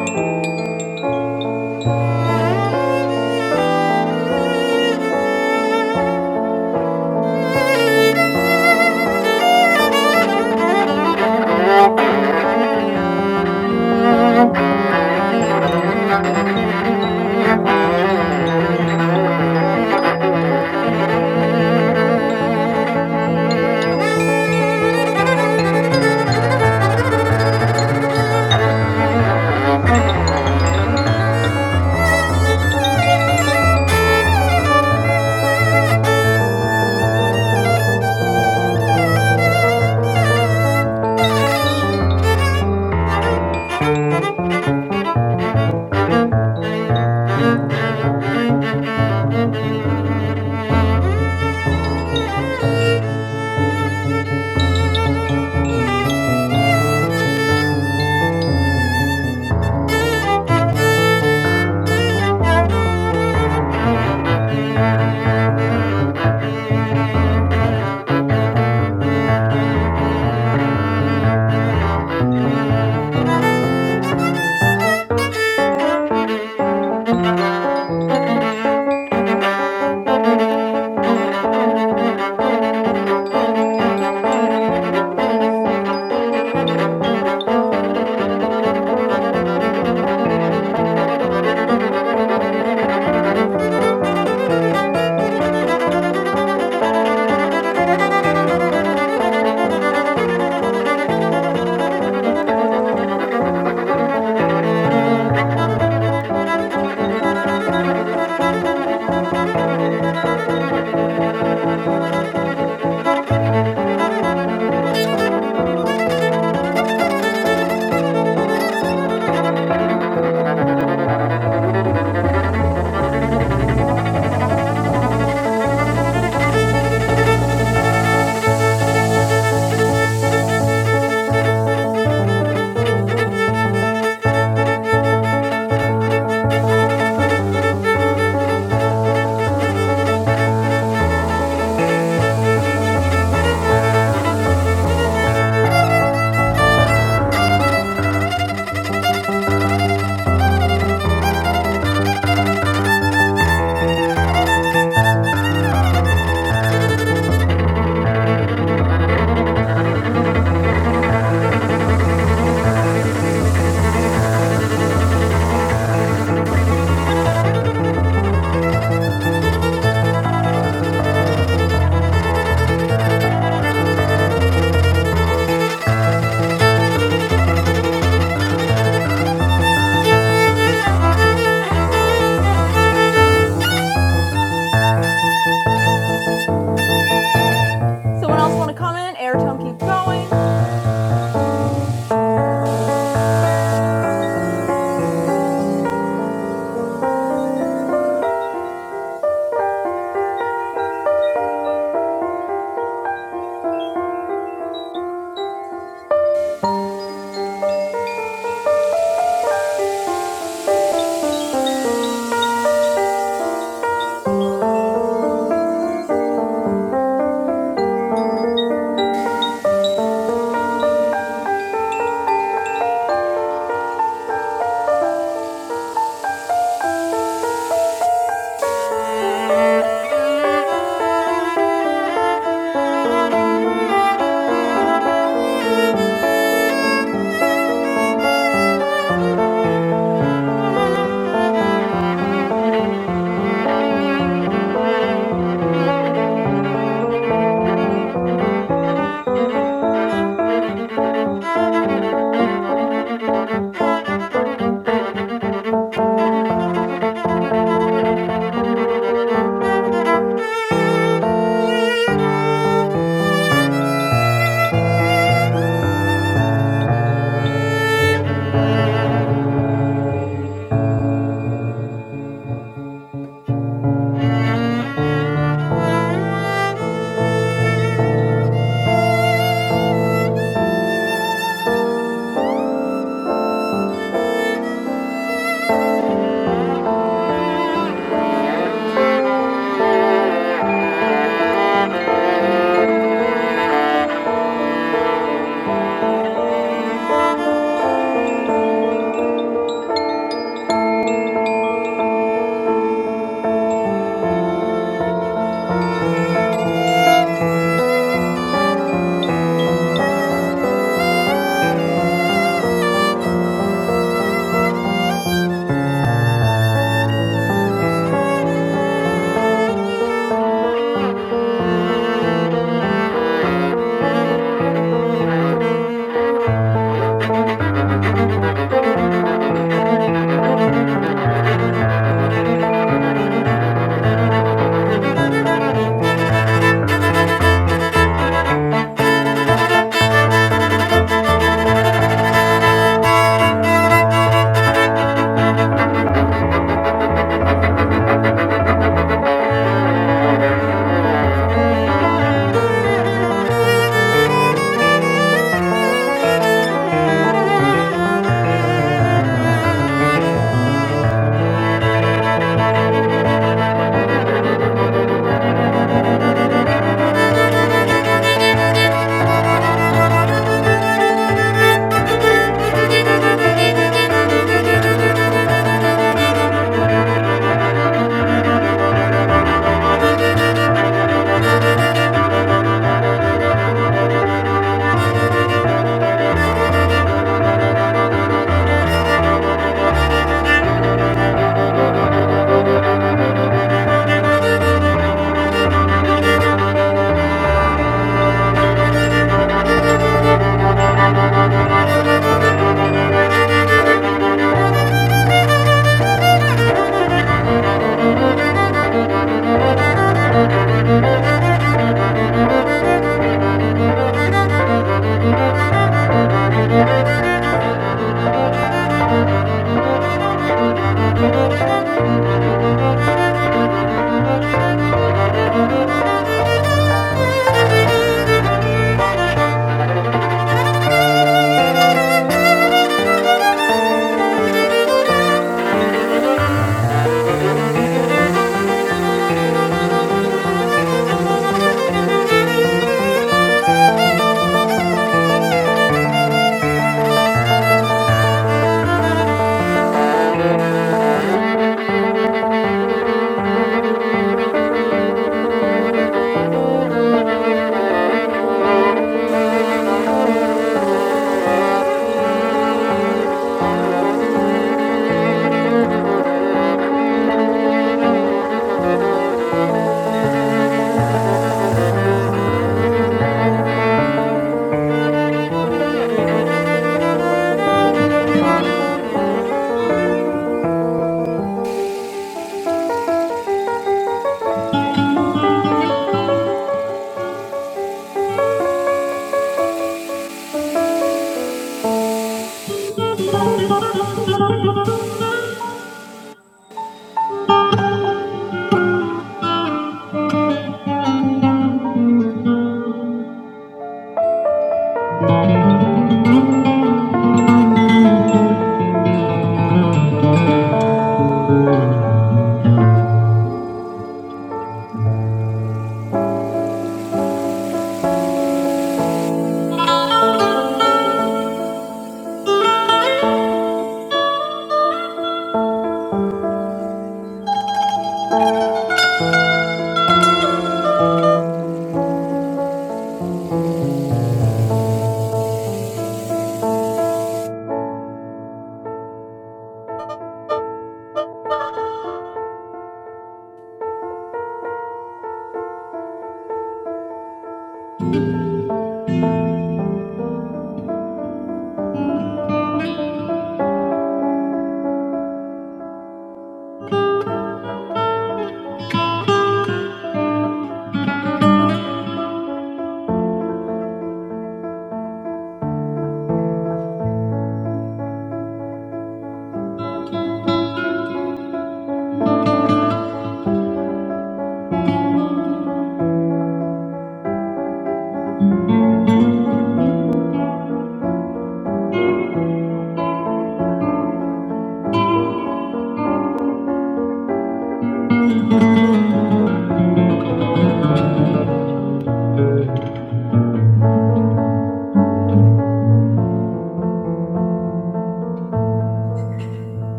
[SPEAKER 7] Thank you. Thank you. Thank you. Thank you. Someone else want to comment? Airtone, keep going. Thank you. Thank you. Yeah. Thank you. Thank you.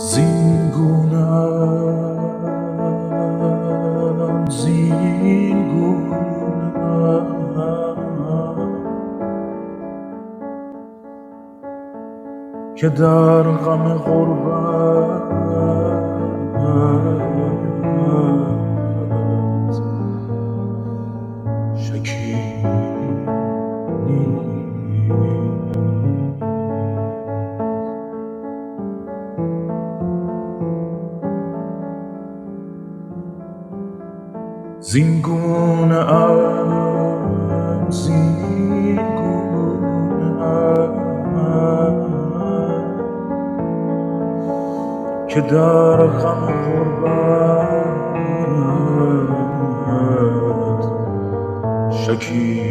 [SPEAKER 9] زین گونم زین گونم که در غم غربت شکیبی زین گونه زین گونه که در غم قربانت شکی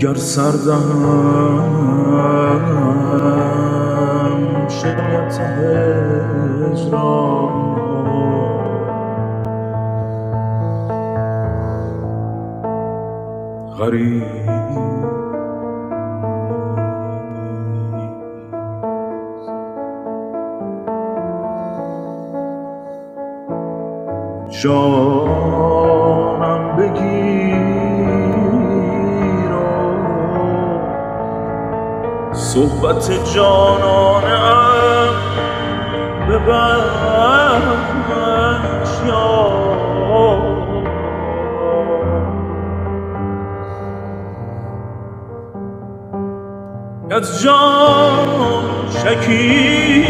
[SPEAKER 9] گر سر دهم شاید هجران غریب جانم بگیر و صحبت جانانم ببخش یارا از جان شکیب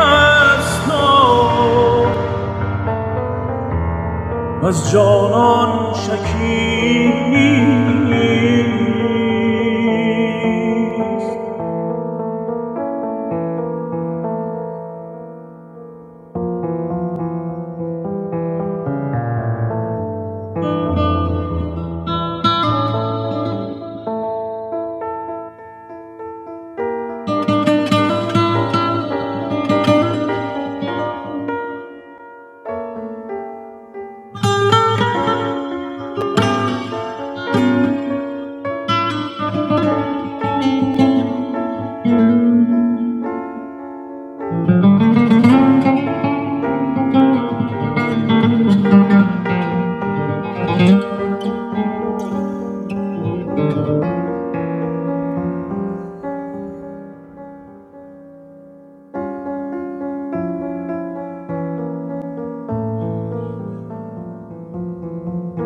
[SPEAKER 9] هستا و از جانان شکیب نیست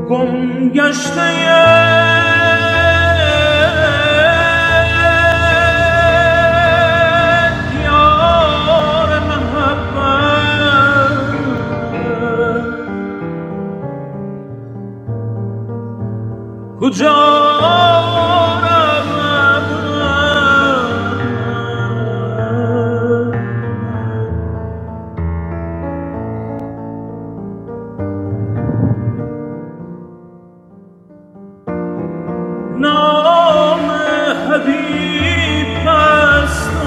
[SPEAKER 9] گم گشته یار محبت کجا رود؟ نام حبیب هست و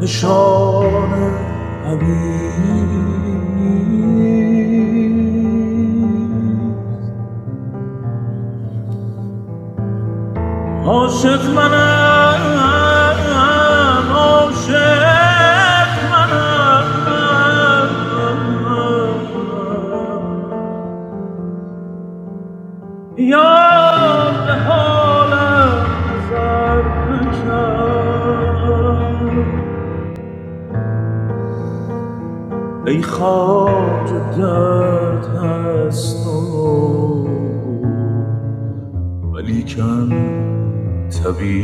[SPEAKER 9] نشان حبیبی عاشق منم عاشق منم یار به حالم نظر نکرد ای خواجه درد هست و पली चान सभी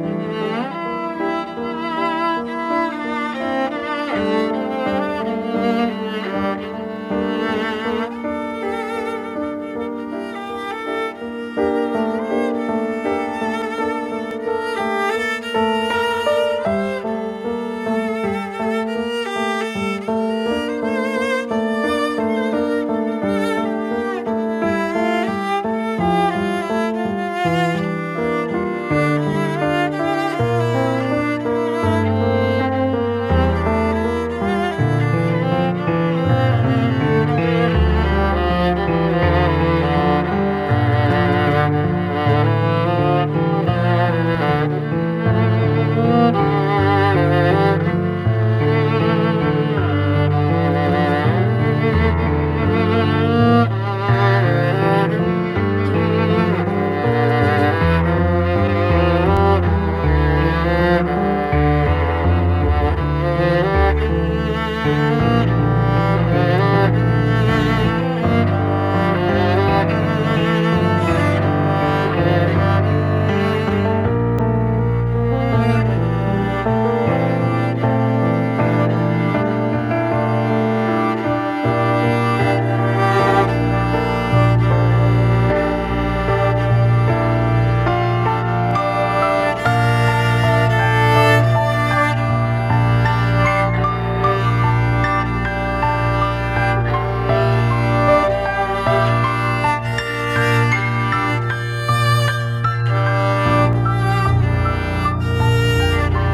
[SPEAKER 7] Thank you. Thank you. Thank you. Thank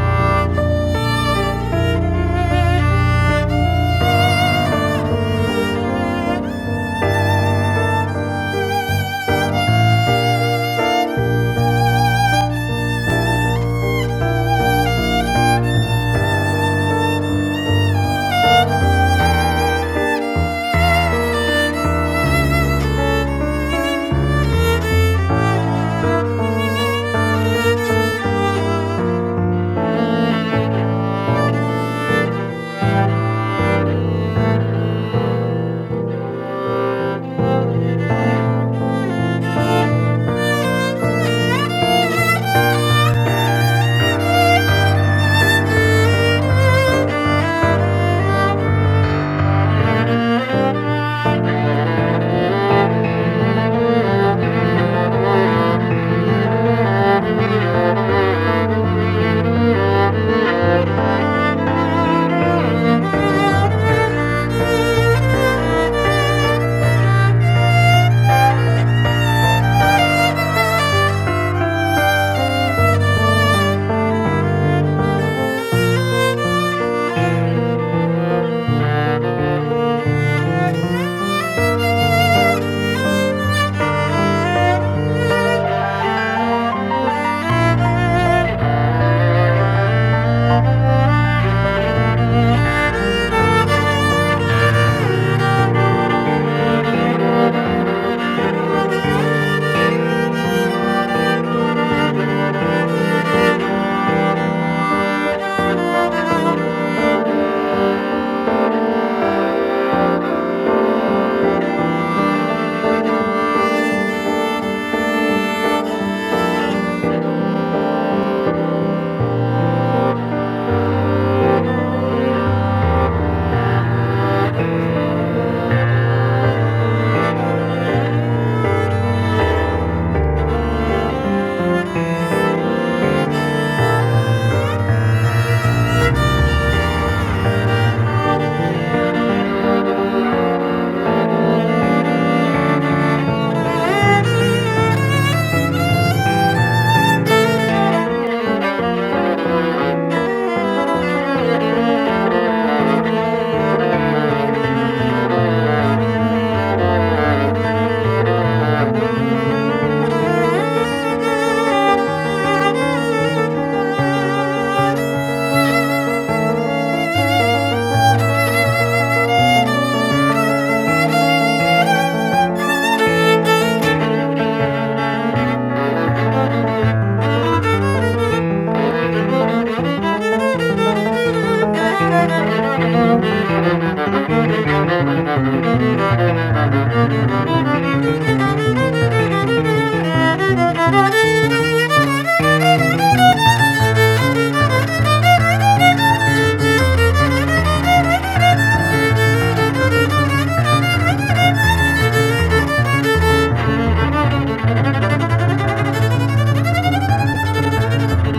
[SPEAKER 7] you. Thank you. Thank you. Thank you. Thank you. Thank you. Thank you.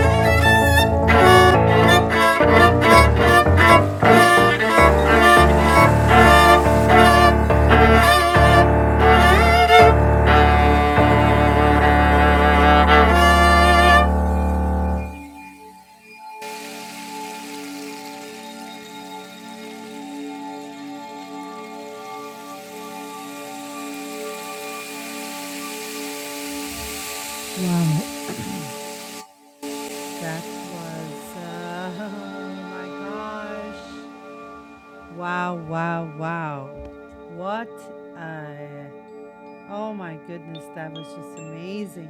[SPEAKER 7] Thank you.
[SPEAKER 1] Wow. That was, uh, oh my gosh. Wow, wow, wow. What a, oh my goodness, that was just amazing.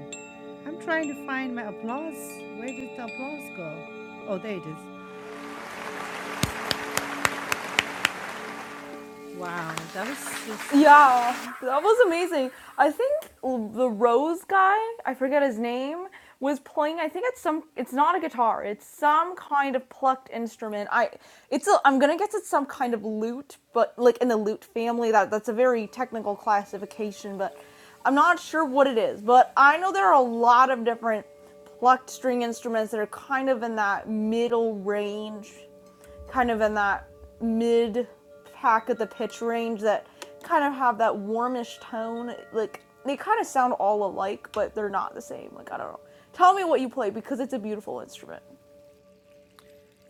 [SPEAKER 1] I'm trying to find my applause. Where did the applause go? Oh, there it is. Wow, that was just.
[SPEAKER 7] Yeah, that was amazing. I think l- the Rose guy, I forget his name, was playing. I think it's some. It's not a guitar. It's some kind of plucked instrument. I. It's a. I'm gonna guess it's some kind of lute, but like in the lute family, that that's a very technical classification. But I'm not sure what it is. But I know there are a lot of different plucked string instruments that are kind of in that middle range kind of in that mid pack of the pitch range that kind of have that warmish tone. Like they kind of sound all alike, but they're not the same. Like I don't know. Tell me what you play because it's a beautiful instrument.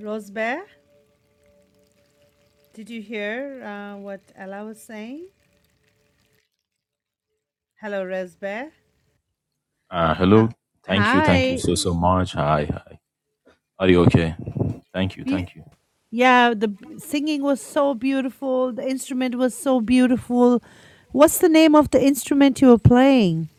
[SPEAKER 1] Rosebeh, did you hear uh, what Ella was saying? Hello, Rosebeh.
[SPEAKER 9] uh,
[SPEAKER 1] Uh,
[SPEAKER 9] hello thank you thank you
[SPEAKER 1] hi.
[SPEAKER 9] so so much hi hi are you okay thank you
[SPEAKER 1] Be-
[SPEAKER 9] thank you
[SPEAKER 1] Yeah, the b- singing was so beautiful. The instrument was so beautiful. What's the name of the instrument you were playing?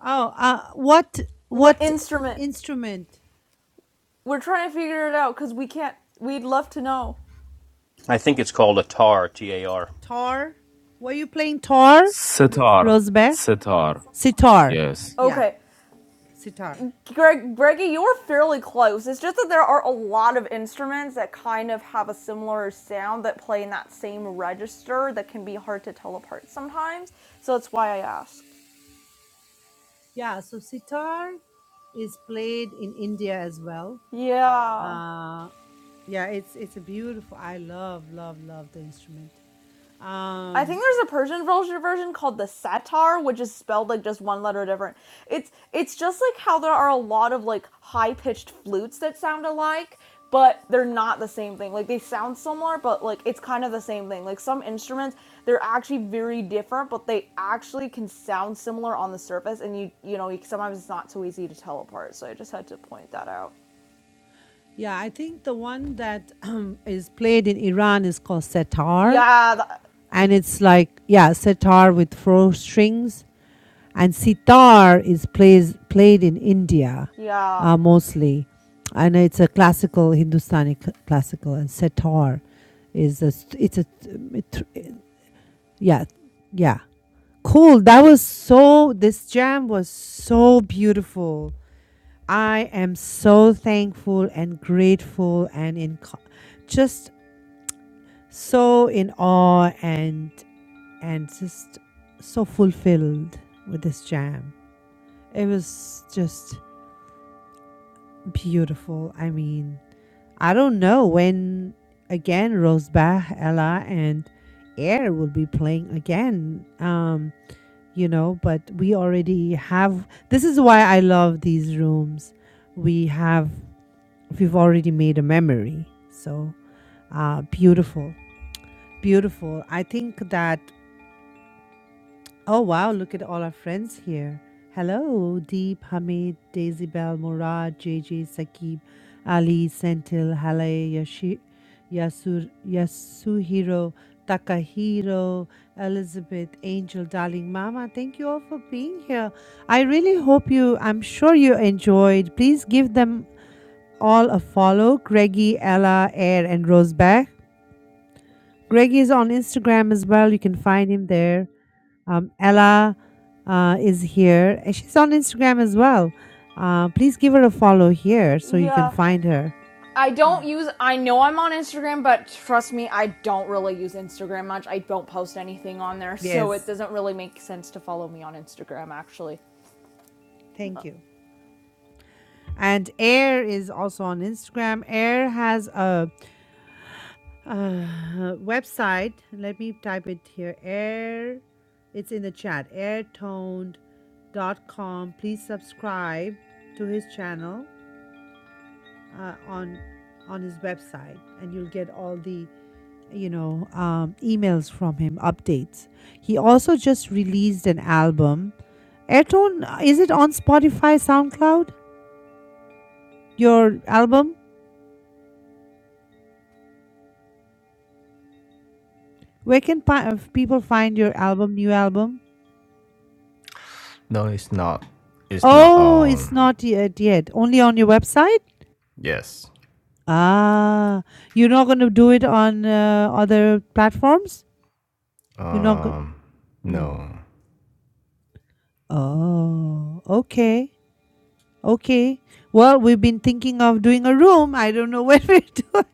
[SPEAKER 1] Oh, uh, what
[SPEAKER 7] What
[SPEAKER 1] what
[SPEAKER 7] instrument?
[SPEAKER 1] instrument?
[SPEAKER 7] We're trying to figure it out because we can't. We'd love to know.
[SPEAKER 2] I think it's called a tar, T A R.
[SPEAKER 1] Tar? Were you playing tar, Rosbe? Sitar. Yeah,
[SPEAKER 7] Okay,
[SPEAKER 1] sitar.
[SPEAKER 7] Greg, Greggy, you are fairly close. It's just that there are a lot of instruments that kind of have a similar sound that play in that same register that can be hard to tell apart sometimes. So that's why I asked.
[SPEAKER 1] Yeah, so sitar is played in India as well.
[SPEAKER 7] Yeah. Um,
[SPEAKER 1] Uh, yeah, it's it's a beautiful. I love love love the instrument.
[SPEAKER 7] I
[SPEAKER 1] Um,
[SPEAKER 7] think there's a Persian version called the Satar, which is spelled like just one letter different. It's it's just like how there are a lot of like high pitched flutes that sound alike, but they're not the same thing. Like they sound similar, but like it's kind of the same thing. Like some instruments, they're actually very different, but they actually can sound similar on the surface, and you you know sometimes it's not so easy to tell apart. So I just had to point that out.
[SPEAKER 1] Yeah, I think the one that is played in Iran is called setar,
[SPEAKER 7] Yeah, th-
[SPEAKER 1] and it's like yeah, setar with four strings, and sitar is plays played in India,
[SPEAKER 7] yeah,
[SPEAKER 1] uh, mostly, and it's a classical Hindustani c- classical, and setar is a st- it's a it, it- yeah yeah cool. That was so this jam was so beautiful. I am so thankful and grateful and in co- just so in awe and and just so fulfilled with this jam. It was just beautiful. I mean, I don't know when again Rosebach, Ella and Air will be playing again. Um, you know, but we already have this is why I love these rooms. We have we've already made a memory. So uh, beautiful, beautiful. I think that, oh wow, look at all our friends here. Hello, Deep, Hamid, Daisy Bell, Murad, J J, Sakib, Ali, Sentil, Hale, Yashi, Yasur, Yasuhiro, Takahiro, Elizabeth, Angel, darling Mama. Thank you all for being here. I really hope you, I'm sure you enjoyed. Please give them all a follow Greggy, Ella, Air, and Roseback. Greggy is on Instagram as well. You can find him there. Um, Ella uh, is here. She's on Instagram as well. Uh, please give her a follow here so you can
[SPEAKER 7] yeah.
[SPEAKER 1] find her.
[SPEAKER 7] I don't use. I know I'm on Instagram, but trust me, I don't really use Instagram much. I don't post anything on there, so it
[SPEAKER 1] Yes.
[SPEAKER 7] doesn't really make sense to follow me on Instagram. Actually,
[SPEAKER 1] Thank you. And Air is also on Instagram. Air has a Uh, website. Let me type it here. Air. It's in the chat. airtoned Dot com. Please subscribe to his channel uh, on on his website, and you'll get all the you know um, emails from him, updates. He also just released an album. Airtone. uh, Is it on Spotify, SoundCloud? Your album. Where can pi- uh, people find your album? New album?
[SPEAKER 8] No, it's not. It's not.
[SPEAKER 1] Oh, it's
[SPEAKER 8] Um.
[SPEAKER 1] not yet yet. Only on your website?
[SPEAKER 8] Yes.
[SPEAKER 1] Ah, you're not going to do it on uh, other platforms? You're not going
[SPEAKER 8] Um.
[SPEAKER 1] mm.
[SPEAKER 8] No.
[SPEAKER 1] Oh, okay. Okay. Well, we've been thinking of doing a room. I don't know when we do.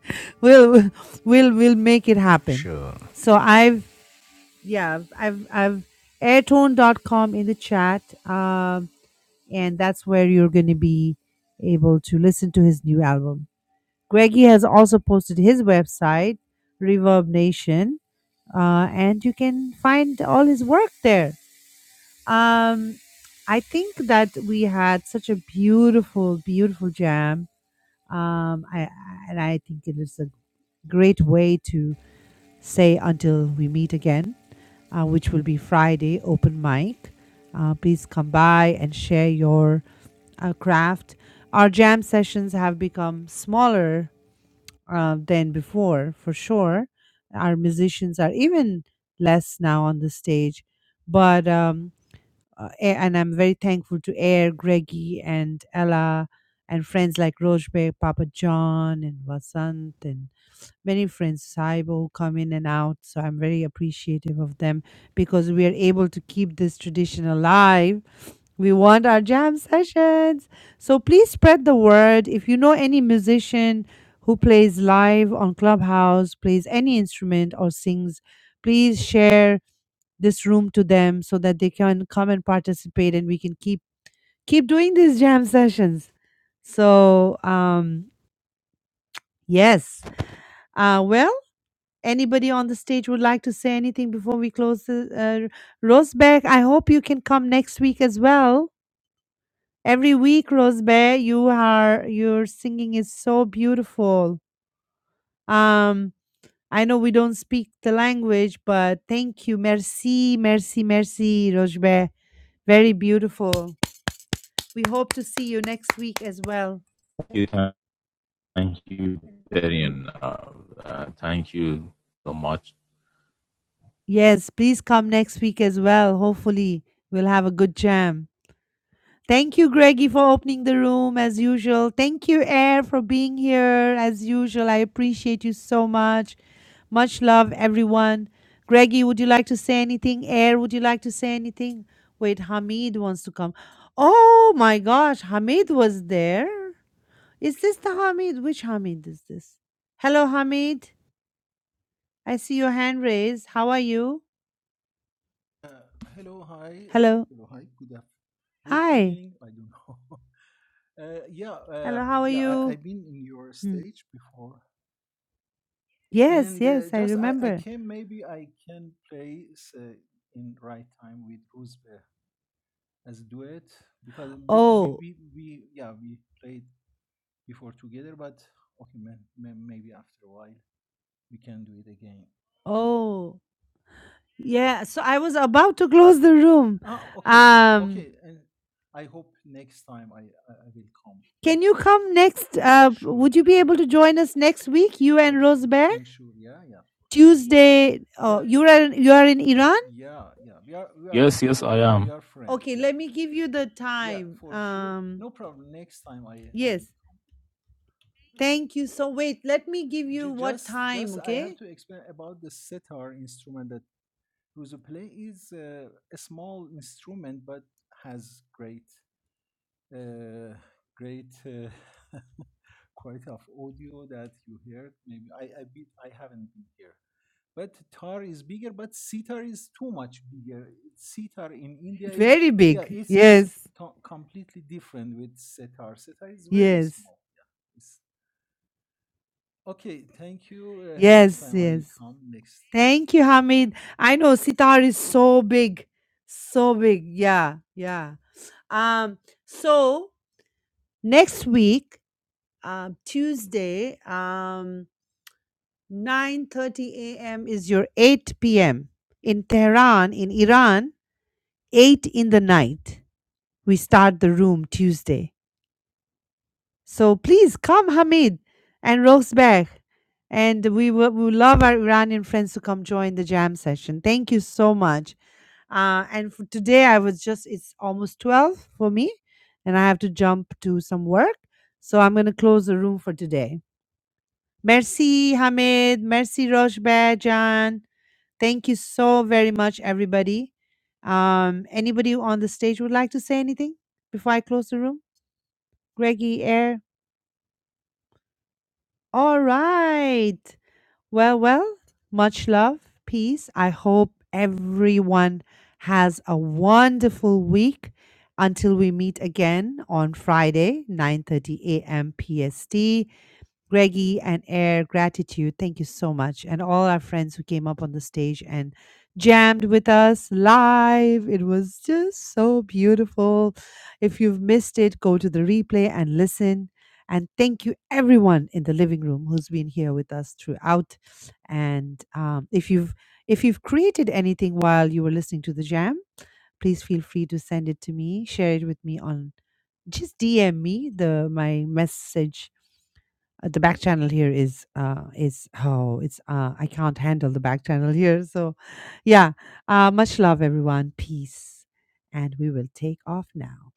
[SPEAKER 1] We'll we'll we'll make it happen.
[SPEAKER 8] Sure.
[SPEAKER 1] So I've yeah, I've I've airtone dot com in the chat um and that's where you're going to be able to listen to his new album. Greggy has also posted his website, Reverb Nation, uh, and you can find all his work there. Um, I think that we had such a beautiful, beautiful jam, um, I, and I think it is a great way to say until we meet again, uh, which will be Friday open mic. Uh, please come by and share your uh, craft. Our jam sessions have become smaller uh, than before, for sure. Our musicians are even less now on the stage, but um, uh, a- and I'm very thankful to Air, Greggy, and Ella, and friends like Rojbe, Papa John, and Vasant, and many friends Saibo come in and out. So I'm very appreciative of them because we are able to keep this tradition alive. We want our jam sessions. So please spread the word. If you know any musician who plays live on Clubhouse, plays any instrument or sings, please share this room to them so that they can come and participate and we can keep keep doing these jam sessions. So um yes. Uh well Anybody on the stage would like to say anything before we close the uh, Rosberg, I hope you can come next week as well. Every week, Rosberg, you are your singing is so beautiful. Um, I know we don't speak the language, but thank you. Merci, merci, merci, Rosberg. Very beautiful. We hope to see you next week as well. Yes, please come next week as well. Hopefully, we'll have a good jam. Thank you, Greggy, for opening the room as usual. Thank you, Air, for being here as usual. I appreciate you so much. Much love, everyone. Greggy, would you like to say anything? Air, would you like to say anything? Wait, Hamid wants to come. Oh my gosh, Hamid was there. Is this the Hamid? Which Hamid is this? Hello, Hamid. I see your hand raised. How are you?
[SPEAKER 10] Uh, hello, hi.
[SPEAKER 1] Hello.
[SPEAKER 10] Hello, hi. Good af- Good
[SPEAKER 1] Hi.
[SPEAKER 10] evening. I don't know. Uh, yeah, uh,
[SPEAKER 1] Hello, how are
[SPEAKER 10] yeah. I,
[SPEAKER 1] you?
[SPEAKER 10] I've been in your
[SPEAKER 1] Hmm.
[SPEAKER 10] stage before,
[SPEAKER 1] Yes,
[SPEAKER 10] and
[SPEAKER 1] yes,
[SPEAKER 10] uh,
[SPEAKER 1] I
[SPEAKER 10] just I, I
[SPEAKER 1] remember.
[SPEAKER 10] can maybe I can play s- uh, in right time with Ruzbe as duet because we, we,
[SPEAKER 1] Oh,
[SPEAKER 10] we, we yeah we played before together, but okay, man, may- maybe after a while we can do it again.
[SPEAKER 1] Oh, yeah. So I was about to close the room.
[SPEAKER 10] Ah, okay, no,
[SPEAKER 1] Um,
[SPEAKER 10] okay, and I hope next time I I, I will come
[SPEAKER 1] can
[SPEAKER 10] next
[SPEAKER 1] you
[SPEAKER 10] time.
[SPEAKER 1] come next? Uh,
[SPEAKER 10] Sure,
[SPEAKER 1] would you be
[SPEAKER 10] sure.
[SPEAKER 1] able to join us next week, you and
[SPEAKER 10] for sure
[SPEAKER 1] Roseberg
[SPEAKER 10] ensure yeah
[SPEAKER 1] Tuesday. Oh,
[SPEAKER 10] yeah
[SPEAKER 1] you are in- you are in Iran.
[SPEAKER 10] yeah yeah yeah we are we are yeah we are friend
[SPEAKER 1] Okay,
[SPEAKER 10] yeah
[SPEAKER 1] let me give you the
[SPEAKER 10] yeah
[SPEAKER 1] time.
[SPEAKER 10] for sure
[SPEAKER 1] Um,
[SPEAKER 10] no problem next time i i
[SPEAKER 1] yes.
[SPEAKER 10] will
[SPEAKER 1] Thank you. So wait, let me give you
[SPEAKER 10] Ju-
[SPEAKER 1] what
[SPEAKER 10] just
[SPEAKER 1] time.
[SPEAKER 10] just i have
[SPEAKER 1] Okay.
[SPEAKER 10] to explain about the sitar instrument that Ruzu play is uh, a small instrument but has great uh, great uh, quality of audio that you heard maybe i i, be, I haven't been here but tar is bigger but sitar is too much bigger sitar in india is
[SPEAKER 1] Very
[SPEAKER 10] yeah
[SPEAKER 1] big.
[SPEAKER 10] it's it's
[SPEAKER 1] Yes.
[SPEAKER 10] to- completely different with setar setar is very
[SPEAKER 1] Yes.
[SPEAKER 10] small yeah it's, okay thank you uh, next
[SPEAKER 1] Yes.
[SPEAKER 10] time i'll
[SPEAKER 1] Yes.
[SPEAKER 10] come next week
[SPEAKER 1] Thank you, Hamid. I know sitar is so big, so big. Yeah. Yeah. Um, so next week, um, Tuesday, um, 9:30 a.m. is your 8 p.m. in Tehran, in Iran, 8 in the night. We start the room Tuesday. So please come, Hamid and Rosberg. And we will we would love our Iranian friends to come join the jam session. Thank you so much. Uh, and for today, I was just, it's almost 12 for me, and I have to jump to some work. So I'm going to close the room for today. Merci, Hamid. Merci, Rosberg, Jan. Thank you so very much, everybody. Um, anybody on the stage would like to say anything before I close the room? Greggy, Air, All right. Well, well, much love, peace. I hope everyone has a wonderful week until we meet again on Friday, 9:30 a.m. PST. Greggy and Air, gratitude. Thank you so much. And all our friends who came up on the stage and jammed with us live. It was just so beautiful. If you've missed it, go to the replay and listen. And thank you, everyone in the living room who's been here with us throughout. And um, if you've if you've created anything while you were listening to the jam, please feel free to send it to me. Share it with me on just DM me the my message uh, the back channel here is uh is oh it's uh I can't handle the back channel here. So yeah. Uh much love everyone. Peace. And we will take off now.